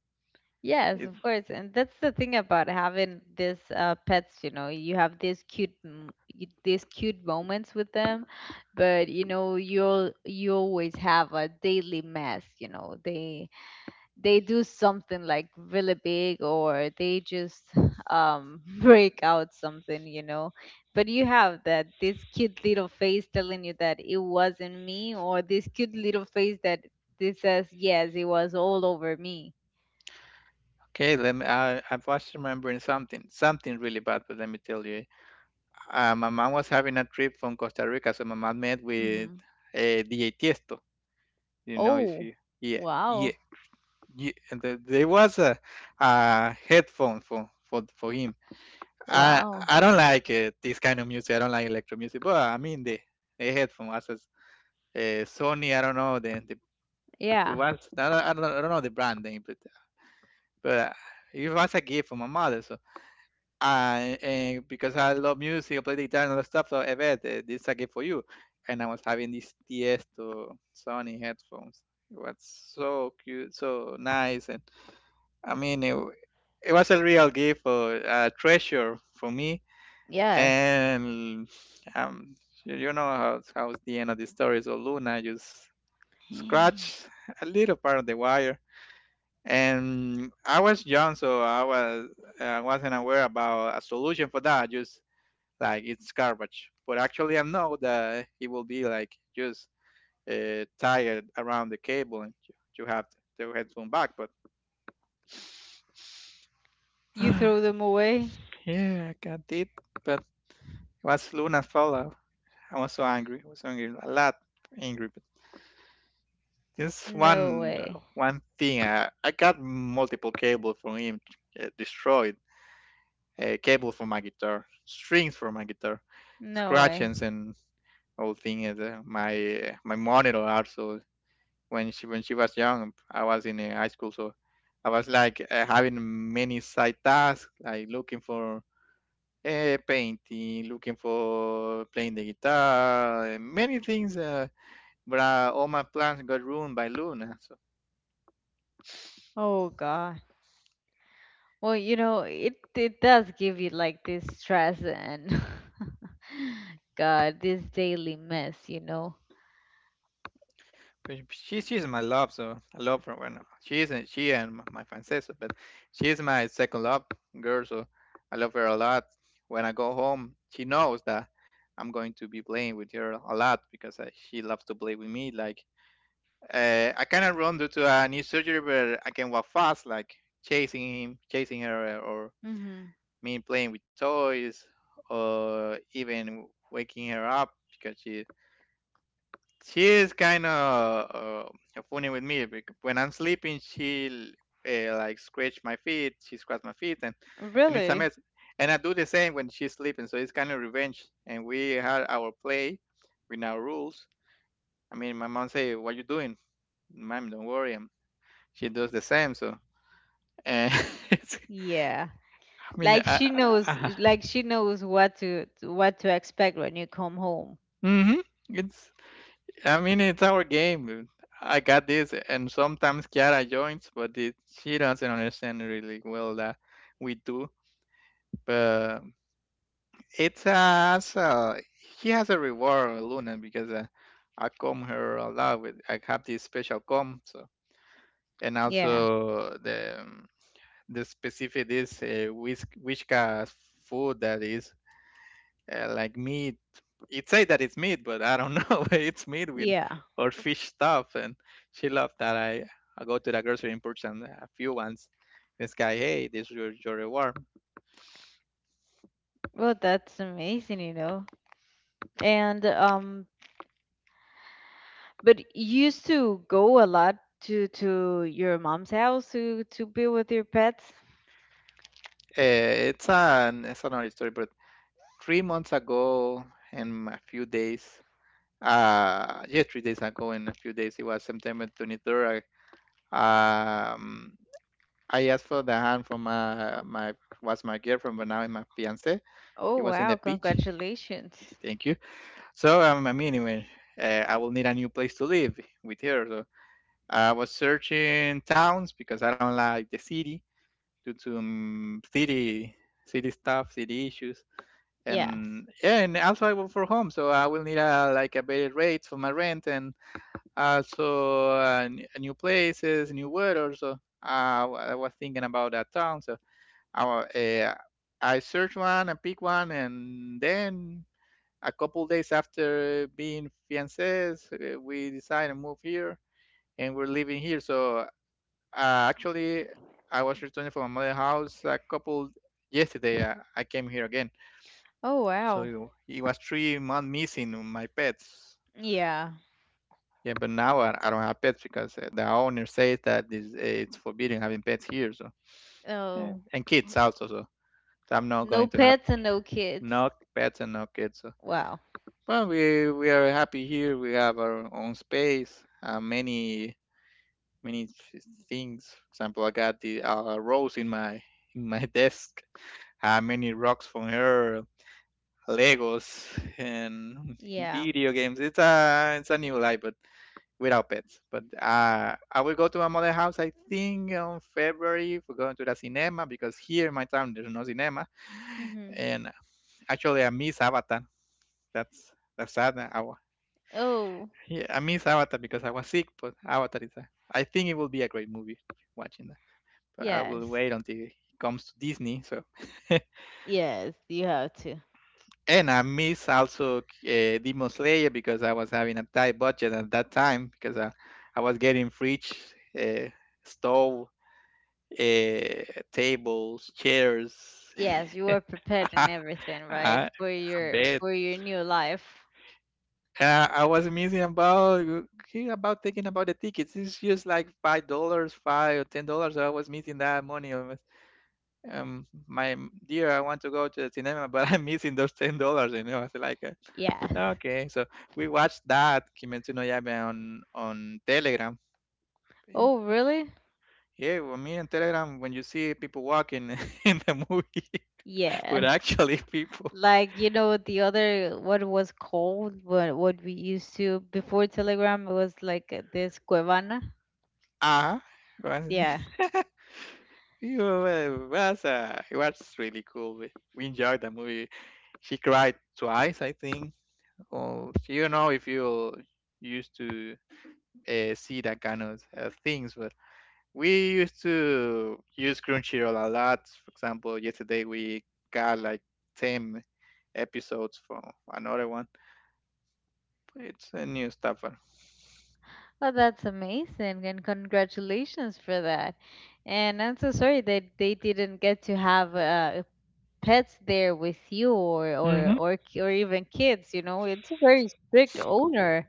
[SPEAKER 1] Yes, of
[SPEAKER 2] It's
[SPEAKER 1] course. And that's the thing about having this pets, you know, you have these cute these cute moments with them, but, you know, you always have a daily mess, you know. They do something like really big, or they just break out something. But you have that this cute little face telling you that it wasn't me, or this cute little face that this says yes it was all over me.
[SPEAKER 2] okay. Let me, I was remembering something, something really bad, but let me tell you. My mom was having a trip from Costa Rica, so my mom met with
[SPEAKER 1] Hmm.
[SPEAKER 2] DJ Tiesto. You know, if
[SPEAKER 1] Oh.
[SPEAKER 2] you, yeah, yeah,
[SPEAKER 1] Wow,
[SPEAKER 2] yeah. And the, there was a headphone for him.
[SPEAKER 1] wow.
[SPEAKER 2] I don't like this kind of music. I don't like electro music, but I mean, the headphone was a, Sony, I don't know, the it
[SPEAKER 1] Yeah.
[SPEAKER 2] was, I don't, I don't know the brand name, but, but it was a gift from my mother. So and because I love music, I play the guitar and all that stuff, so I bet this is a gift for you. And I was having these Tiesto Sony headphones. It was so cute, so nice, and I mean, it was a real gift or a treasure for me.
[SPEAKER 1] Yes.
[SPEAKER 2] And um, you, you know how how's the end of the story. So Luna just scratched a little part of the wire, and I was young, so I wasn't aware about a solution for that. Just like it's garbage. But actually, I know that it will be like just tired around the cable, and you have the headphone back. But
[SPEAKER 1] You throw them away?
[SPEAKER 2] yeah, I got it. But it was Luna's fault. I was so angry. I was so angry, a lot angry. But just
[SPEAKER 1] No way.
[SPEAKER 2] one thing, I got multiple cables from him destroyed. A cable for my guitar, strings for my guitar,
[SPEAKER 1] No way.
[SPEAKER 2] scratchings and whole thing. And my monitor also when she was young. I was in high school, so I was like having many side tasks, like looking for painting, looking for playing the guitar, many things. But All my plans got ruined by Luna. So
[SPEAKER 1] Oh god. Well, you know, it does give you like this stress, and God, this daily mess.
[SPEAKER 2] but she's my love, so I love her. When she isn't she and my Francesa, but she's my second love girl. So I love her a lot. When I go home, she knows that I'm going to be playing with her a lot because she loves to play with me. Like I cannot run due to a knee surgery, but I can walk fast, like chasing him, chasing her, or
[SPEAKER 1] Hmm.
[SPEAKER 2] me playing with toys, or even waking her up because she is kind of funny with me. When I'm sleeping, she like scratch my feet, she scratch my feet, and it's a
[SPEAKER 1] Really?
[SPEAKER 2] mess. And I do the same when she's sleeping, so it's kind of revenge. And we had our play with our rules. I mean, my mom say, "What you doing, mom? Don't worry, she does the same. So, and it's,
[SPEAKER 1] Yeah.
[SPEAKER 2] I mean,
[SPEAKER 1] Like she knows,
[SPEAKER 2] I,
[SPEAKER 1] like she knows what to expect when you come home.
[SPEAKER 2] mm-hmm, it's, I mean, it's our game. I got this, and sometimes Kiara joins, but it, she doesn't understand really well that we do. But it's so she has a reward Luna because I comb her a lot with I have this special comb, so and
[SPEAKER 1] Yeah.
[SPEAKER 2] also the specific is Whiskas food that is yeah, like meat. It say that it's meat, but I don't know. it's meat with
[SPEAKER 1] Yeah.
[SPEAKER 2] or fish stuff, and she loved that. I go to the grocery and purchase a few ones. This guy, hey, this is your reward.
[SPEAKER 1] Well, that's amazing, you know. And but you used to go a lot to your mom's house to be with your pets?
[SPEAKER 2] It's another story, but 3 months ago and a few days, yeah, 3 days ago in a few days it was September 23rd. I, um I asked for the hand from my was my girlfriend, but now it's my fiance. It
[SPEAKER 1] Oh,
[SPEAKER 2] was in
[SPEAKER 1] wow.
[SPEAKER 2] the beach.
[SPEAKER 1] Congratulations.
[SPEAKER 2] Thank you. So, I mean, anyway, I will need a new place to live with her. So, I was searching towns because I don't like the city due to city stuff, city issues.
[SPEAKER 1] Yes.
[SPEAKER 2] And yeah, and also I work for home, so I will need a like a better rate for my rent, and so new places, new weather. So, I was thinking about that town. So, I, wa- eh, I searched one, and picked one, and then a couple days after being fiancés, we decided to move here, and we're living here. So, actually, I was returning from my mother's house a couple yesterday. I came here again.
[SPEAKER 1] Oh, wow.
[SPEAKER 2] So it was 3 months missing on my pets.
[SPEAKER 1] Yeah.
[SPEAKER 2] Yeah, but now I don't have pets because the owner says that this, it's forbidden having pets here, so
[SPEAKER 1] Oh,
[SPEAKER 2] and kids also. So, so I'm not
[SPEAKER 1] no
[SPEAKER 2] going to have
[SPEAKER 1] pets and no kids.
[SPEAKER 2] no pets and no kids. So.
[SPEAKER 1] Wow.
[SPEAKER 2] But we are happy here. We have our own space. Many many th- things. For example, I got the rose in my desk. Many rocks from her, Legos, and
[SPEAKER 1] Yeah.
[SPEAKER 2] video games. It's a new life, but without pets. But I will go to my mother's house, I think, on February for going to the cinema because here in my town there's no cinema.
[SPEAKER 1] Mhm.
[SPEAKER 2] And actually, I miss Avatar. That's sad.
[SPEAKER 1] Oh,
[SPEAKER 2] Yeah, I miss Avatar because I was sick, but Avatar is a, I think it will be a great movie watching that. But I
[SPEAKER 1] yes.
[SPEAKER 2] will wait until it comes to Disney. So,
[SPEAKER 1] Yes, you have to.
[SPEAKER 2] and I miss also Demon Slayer because I was having a tight budget at that time because I was getting fridge, uh, stove, uh, tables, chairs,
[SPEAKER 1] Yes, you are preparing
[SPEAKER 2] a
[SPEAKER 1] everything, right? For your
[SPEAKER 2] bed.
[SPEAKER 1] for your new life.
[SPEAKER 2] I was missing about thinking about the tickets. It's just like $5, $5 or $10. I was missing that money. I was, my dear, I want to go to the cinema, but I'm missing those $10. You know, I was like,
[SPEAKER 1] Yes.
[SPEAKER 2] okay. So we watched that Kimetsu no Yaiba on Telegram.
[SPEAKER 1] Oh, really?
[SPEAKER 2] Yeah, well, me and Telegram, when you see people walking in the movie, but
[SPEAKER 1] Yes.
[SPEAKER 2] actually people.
[SPEAKER 1] Like, you know, the other, what it was called, what we used to before Telegram. It was like this Cuevana.
[SPEAKER 2] Ah, was
[SPEAKER 1] Yeah.
[SPEAKER 2] you were- was it was really cool. We enjoyed the movie. She cried twice, I think. Or you don't know if you used to see that kind of things, but we used to use Crunchyroll a lot. For example, yesterday we got like 10 episodes for another one. It's a new stuff.
[SPEAKER 1] Well, that's amazing, and congratulations for that. And I'm so sorry that they didn't get to have pets there with you, or even kids. You know, it's a very strict owner.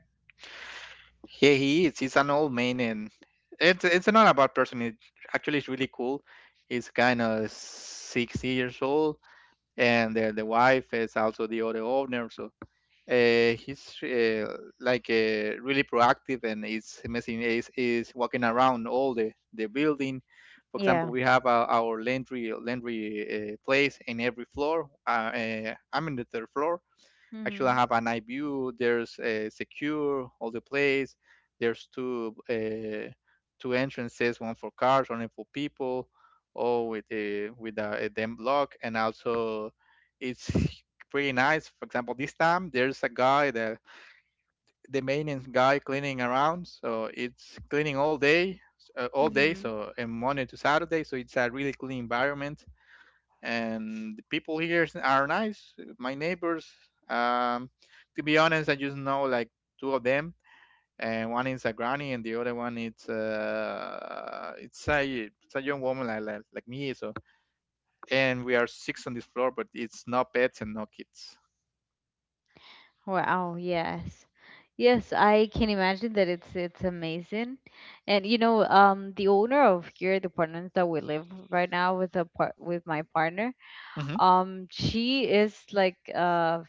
[SPEAKER 2] Yeah, he is. He's an old man, and it's not a bad person. It actually is really cool. He's kind of 60 years old, and the wife is also the other owner. So he's like really proactive, and he's messing is walking around all the building. For example,
[SPEAKER 1] Yeah.
[SPEAKER 2] we have our laundry place in every floor. I'm in the third floor. Actually, I
[SPEAKER 1] Mhm.
[SPEAKER 2] have an eye view. There's secure all the place. There's two entrances, one for cars, one for people, all with a dem block, and also it's pretty nice. For example, this time there's a guy that the maintenance guy cleaning around, so it's cleaning all day,
[SPEAKER 1] Mhm.
[SPEAKER 2] so and Monday to Saturday, so it's a really clean environment, and the people here are nice. My neighbors, um, to be honest, I just know like two of them, and one is a granny, and the other one it's a young woman like me. So, and we are six on this floor, but it's no pets and no kids.
[SPEAKER 1] Wow. Yes. Yes, I can imagine that it's amazing. And, you know, the owner of here, the apartments that we live right now with a part with my partner,
[SPEAKER 2] Hmm.
[SPEAKER 1] she is like,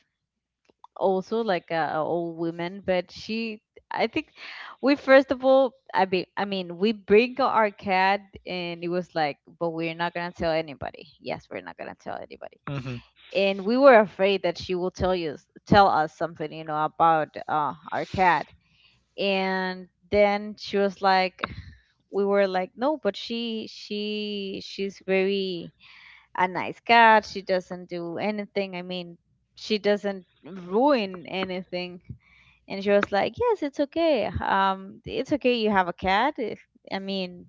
[SPEAKER 1] also like a old woman, but she, I think, we first of all, I mean, we bring our cat, and it was like, but we're not gonna tell anybody. Yes, we're not gonna tell anybody.
[SPEAKER 2] Hmm.
[SPEAKER 1] And we were afraid that she will tell us something, you know, about our cat. And then she was like, we were like, no, but she's very a nice cat. She doesn't do anything. I mean, she doesn't ruin anything. And she was like, "Yes, it's okay. It's okay. You have a cat. If, I mean,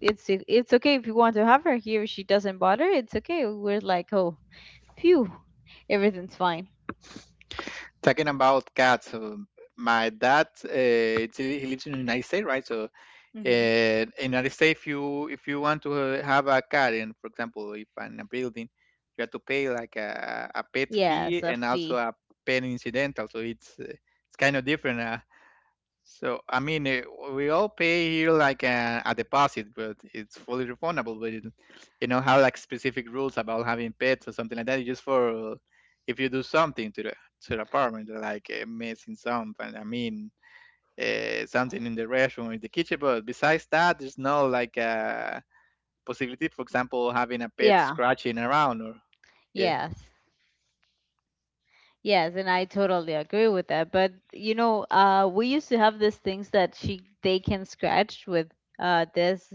[SPEAKER 1] it's okay if you want to have her here. She doesn't bother. It's okay." We're like, "Oh, phew, everything's fine."
[SPEAKER 2] Talking about cats, my dad, it's, he lives in the United States, right? So,
[SPEAKER 1] Mm-hmm.
[SPEAKER 2] and in United States, if you want to have a car, and for example, if in a building, you have to pay like a pet
[SPEAKER 1] Yes,
[SPEAKER 2] fee
[SPEAKER 1] a
[SPEAKER 2] and also
[SPEAKER 1] fee.
[SPEAKER 2] a pet incidental. So it's kind of different. So I mean, we all pay here like a deposit, but it's fully refundable. But it, you know, how like specific rules about having pets or something like that. It's just for if you do something to the apartment, like messing some. And I mean, something in the restroom or in the kitchen. But besides that, there's no like possibility, for example, having a pet
[SPEAKER 1] Yeah.
[SPEAKER 2] scratching around, or yeah.
[SPEAKER 1] Yes. Yes, and I totally agree with that. But, you know, we used to have these things that she they can scratch with this.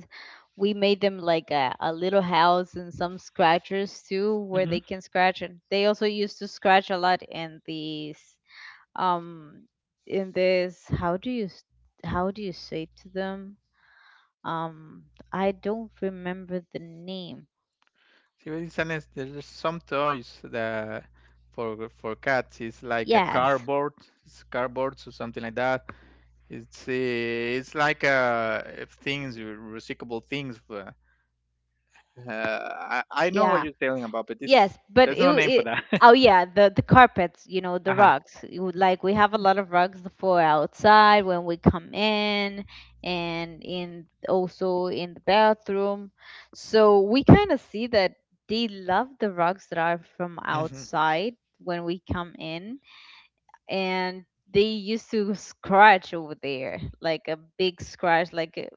[SPEAKER 1] We made them like a little house, and some scratchers too, where
[SPEAKER 2] Hmm.
[SPEAKER 1] they can scratch. And they also used to scratch a lot in um, this. How do you say to them? Um, I don't remember the name.
[SPEAKER 2] See, but it's honest, there's some toys that for cats it's like a
[SPEAKER 1] Yes,
[SPEAKER 2] cardboard, it's cardboards or something like that. It's like if things recyclable things. I know what
[SPEAKER 1] yeah.
[SPEAKER 2] you're telling about, but this
[SPEAKER 1] Yes, but
[SPEAKER 2] there's
[SPEAKER 1] it,
[SPEAKER 2] no name for
[SPEAKER 1] it
[SPEAKER 2] that.
[SPEAKER 1] oh yeah, the carpets, you know, the
[SPEAKER 2] Uh-huh.
[SPEAKER 1] rugs. Like we have a lot of rugs for outside when we come in, and in also in the bathroom. So we kind of see that they love the rugs that are from
[SPEAKER 2] Mm-hmm.
[SPEAKER 1] outside when we come in, and they used to scratch over there like a big scratch, like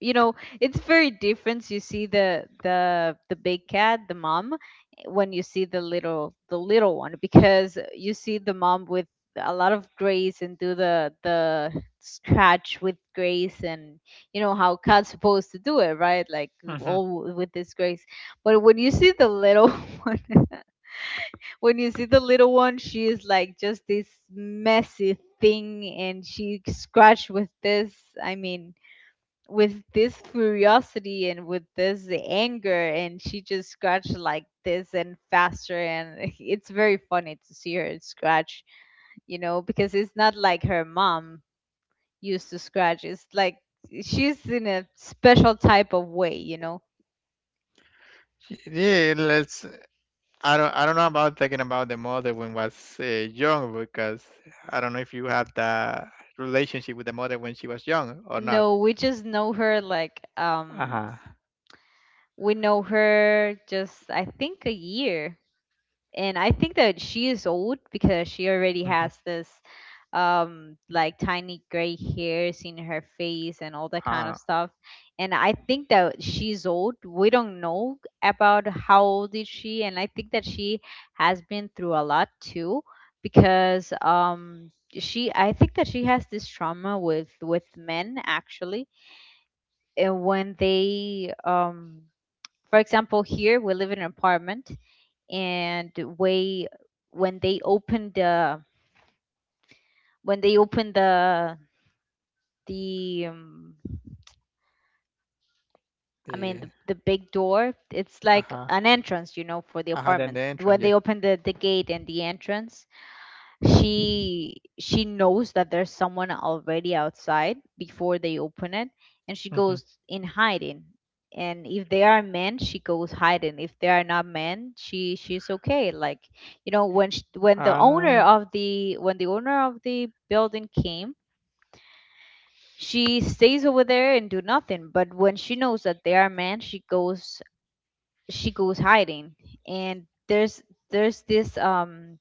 [SPEAKER 1] you know it's very different. You see the big cat, the mom, when you see the little one. Because you see the mom with a lot of grace and do the scratch with grace, and you know how cat's supposed to do it, right? Like
[SPEAKER 2] Mm-hmm.
[SPEAKER 1] all with this grace. But when you see the little one, when you see the little one, she is like just this messy thing, and she scratched with this, i mean with this curiosity and with this anger, and she just scratched like this and faster and it's very funny to see her scratch. Because it's not like her mom used to scratch. It's like she's in a special type of way, you know?
[SPEAKER 2] Yeah, let's I don't know about talking about the mother when was young because I don't know if you had that relationship with the mother when she was young or not.
[SPEAKER 1] No, we just know her like,
[SPEAKER 2] Uh-huh.
[SPEAKER 1] we know her just, I think, a year. And I think that she is old because she already
[SPEAKER 2] Mm-hmm.
[SPEAKER 1] has this, like tiny gray hairs in her face and all that kind of
[SPEAKER 2] Uh,
[SPEAKER 1] stuff. And I think that she's old. We don't know about how old is she, and I think that she has been through a lot too, because she, I think that she has this trauma with men actually. And when they for example, here we live in an apartment, and way, when they opened the when they opened the I mean
[SPEAKER 2] the
[SPEAKER 1] the big door. It's like
[SPEAKER 2] uh-huh.
[SPEAKER 1] an entrance, you know, for the
[SPEAKER 2] Uh-huh, then the
[SPEAKER 1] apartment.
[SPEAKER 2] entrance,
[SPEAKER 1] When
[SPEAKER 2] yeah.
[SPEAKER 1] they opened the gate and the entrance, she knows that there's someone already outside before they open it, and she
[SPEAKER 2] Mm-hmm.
[SPEAKER 1] goes in hiding. And if they are men, she goes hiding. If they are not men, she she's okay. Like, you know, when the owner
[SPEAKER 2] Uh,
[SPEAKER 1] of the building came, she stays over there and do nothing. But when she knows that they are men, she goes, she goes hiding. And there's this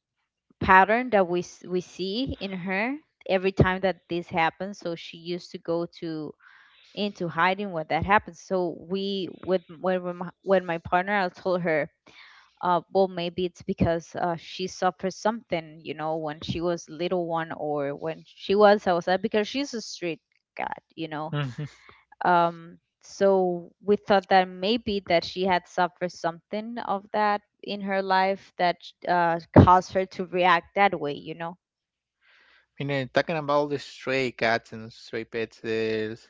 [SPEAKER 1] pattern that we we see in her every time that this happens. So she used to go to, into hiding when that happens. So we with, when my partner, I told her, well, maybe it's because she suffered something, you know, when she was little one or when she was outside because she's a street cat, you know.
[SPEAKER 2] mm-hmm.
[SPEAKER 1] um so we thought that maybe that she had suffered something of that in her life, that caused her to react that way, you know.
[SPEAKER 2] You know, talking about the stray cats and stray pets, there's,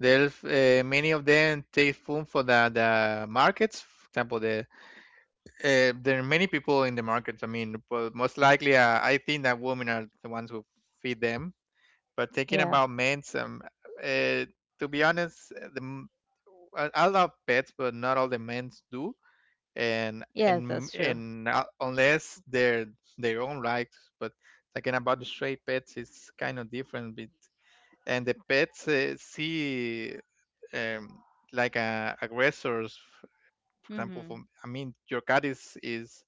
[SPEAKER 2] there's uh, many of them take food for the markets. For example, there are many people in the markets. I mean, but most likely, I think that women are the ones who feed them. But thinking
[SPEAKER 1] Yeah.
[SPEAKER 2] about Mansum, uh, to be honest, I love pets, but not all the men do, and
[SPEAKER 1] Yes,
[SPEAKER 2] and
[SPEAKER 1] that's true.
[SPEAKER 2] and uh, unless they're their own rights. But talking about the stray pets, it's kind of different. But, and the pets see, um, like aggressors, for example.
[SPEAKER 1] Mm-hmm.
[SPEAKER 2] From, I mean, your cat is is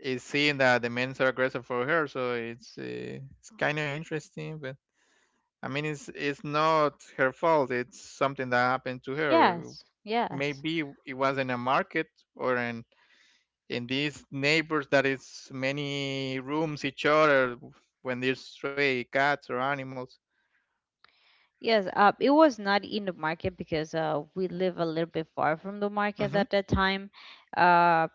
[SPEAKER 2] is seeing that the men are aggressive for her, so it's kind of interesting, but. I mean, it's not her fault. It's something that happened to her.
[SPEAKER 1] Yes. Yes.
[SPEAKER 2] Maybe it was in a market or in these neighbors that is many rooms each other when there's stray cats or animals.
[SPEAKER 1] Yes. It was not in the market because we live a little bit far from the market
[SPEAKER 2] Hmm.
[SPEAKER 1] at that time. Uh,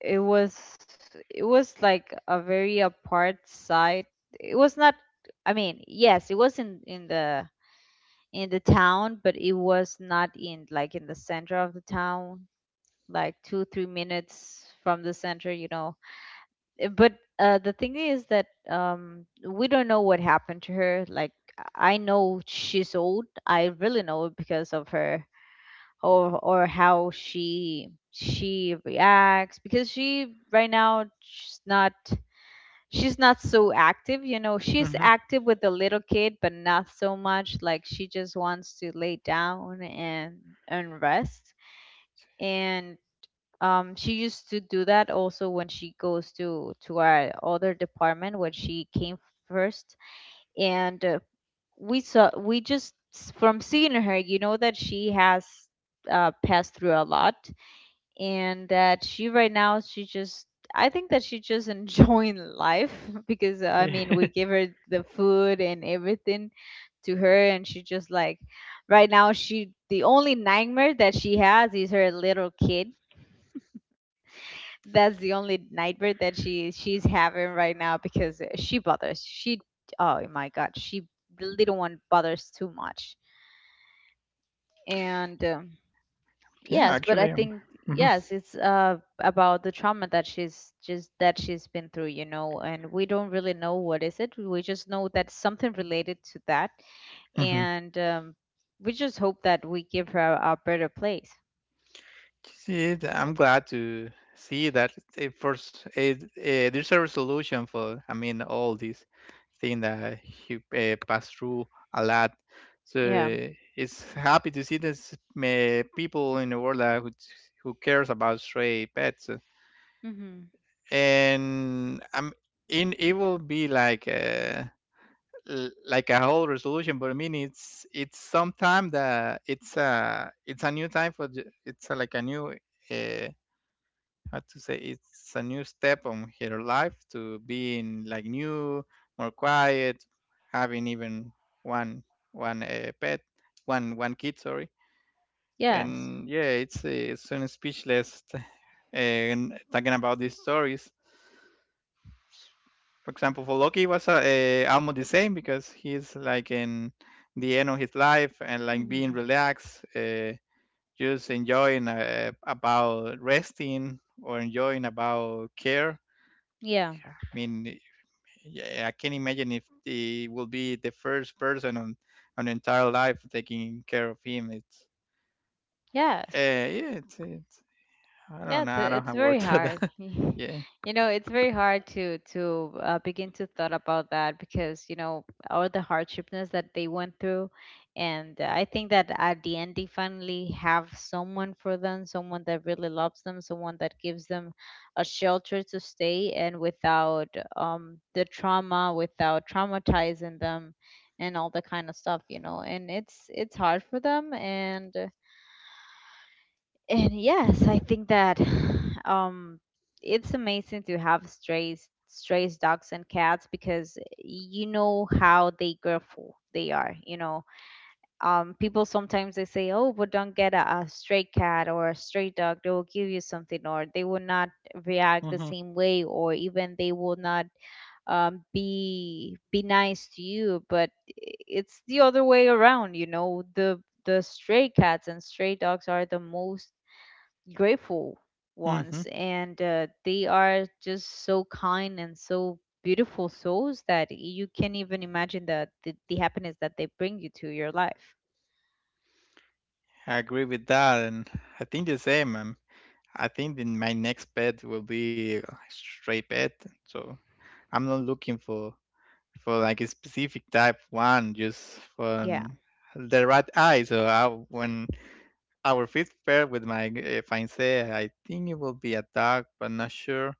[SPEAKER 1] it was, it was like a very apart side. It was not. I mean, yes, it was in the, in the town, but it was not in like in the center of the town, like 2, 3 minutes from the center. You know, uh, but the thing is that, we don't know what happened to her. Like I know she's old. I really know it because of her, or how she reacts, because she right now she's not, she's not so active. You know, she's
[SPEAKER 2] Hmm.
[SPEAKER 1] active with the little kid, but not so much. Like she just wants to lay down and rest. And she used to do that also when she goes to our other department when she came first. And we saw, we just from seeing her, you know, that she has passed through a lot. And that she right now, she just, I think that she just enjoying life because I mean we give her the food and everything to her, and she just like, right now she, the only nightmare that she has is her little kid. That's the only nightmare that she she's having right now, because she bothers. She, oh my god, she, the little one bothers too much. And
[SPEAKER 2] Yeah,
[SPEAKER 1] yes, but I
[SPEAKER 2] actually,
[SPEAKER 1] think, yes,
[SPEAKER 2] mhm.
[SPEAKER 1] it's about the trauma that she's just that she's been through, you know, and we don't really know what is it. We just know that something related to that,
[SPEAKER 2] Mhm.
[SPEAKER 1] and we just hope that we give her a better place.
[SPEAKER 2] See, I'm glad to see that it first it, there's a resolution for I mean all these thing that he passed through a lot. So
[SPEAKER 1] Yeah.
[SPEAKER 2] it's happy to see this people in the world that who cares about stray pets,
[SPEAKER 1] Mm-hmm.
[SPEAKER 2] and I'm in it will be like a, like a whole resolution, but I mean it's sometime that it's a new time for it's a, like a new. uh, how to say it's a new step on her life to being like new, more quiet, having even one one pet, one kid, sorry.
[SPEAKER 1] Yes.
[SPEAKER 2] And yeah, it's an speechless and talking about these stories, for example for Loki, it was almost the same because he's like in the end of his life and like being
[SPEAKER 1] Mm-hmm.
[SPEAKER 2] relaxed, just enjoying about resting or enjoying about care.
[SPEAKER 1] Yeah.
[SPEAKER 2] I mean, yeah, I can imagine if he will be the first person on the entire life taking care of him. It's
[SPEAKER 1] Yes.
[SPEAKER 2] yeah, it's I don't
[SPEAKER 1] Yeah,
[SPEAKER 2] know, I don't
[SPEAKER 1] it's
[SPEAKER 2] have
[SPEAKER 1] very
[SPEAKER 2] words for
[SPEAKER 1] hard.
[SPEAKER 2] that. yeah.
[SPEAKER 1] You know, it's very hard to begin to thought about that, because you know all the hardships that they went through. And I think that at the end they finally have someone for them, someone that really loves them, someone that gives them a shelter to stay, and without the trauma, without traumatizing them, and all the kind of stuff, you know. And it's hard for them, and yes, I think that um, it's amazing to have strays, strays, dogs, and cats, because you know how they grateful they are. You know, people sometimes they say, "Oh, but don't get a stray cat or a stray dog. They will give you something, or they will not react the
[SPEAKER 2] Mhm.
[SPEAKER 1] same way, or even they will not, be be nice to you." But it's the other way around. You know, the stray cats and stray dogs are the most grateful
[SPEAKER 2] Mhm.
[SPEAKER 1] ones. And they are just so kind and so beautiful souls that you can't even imagine the happiness that they bring you to your life.
[SPEAKER 2] I agree with that, and I think the same. I think then my next pet will be a stray pet, so I'm not looking for like a specific type one, just for
[SPEAKER 1] Yeah.
[SPEAKER 2] the right eye. So I, when our fifth pair with my fiancé, I think it will be a dog, but not sure.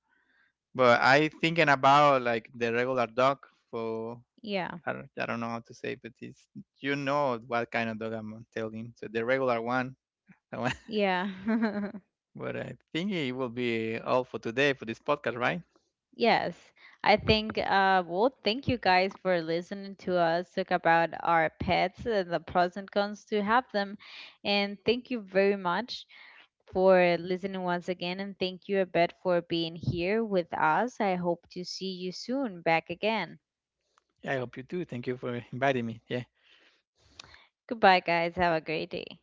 [SPEAKER 2] But I thinking about like the regular dog for
[SPEAKER 1] Yeah.
[SPEAKER 2] I don't know how to say, but it's you know what kind of dog I'm telling. So the regular one, one-
[SPEAKER 1] Yeah.
[SPEAKER 2] but I think it will be all for today for this podcast, right?
[SPEAKER 1] Yes, I think, well, thank you guys for listening to us talk about our pets and the pros and cons to have them. And thank you very much for listening once again, and thank you, Abed, for being here with us. I hope to see you soon back again.
[SPEAKER 2] I hope you do. Thank you for inviting me. Yeah.
[SPEAKER 1] Goodbye, guys. Have a great day.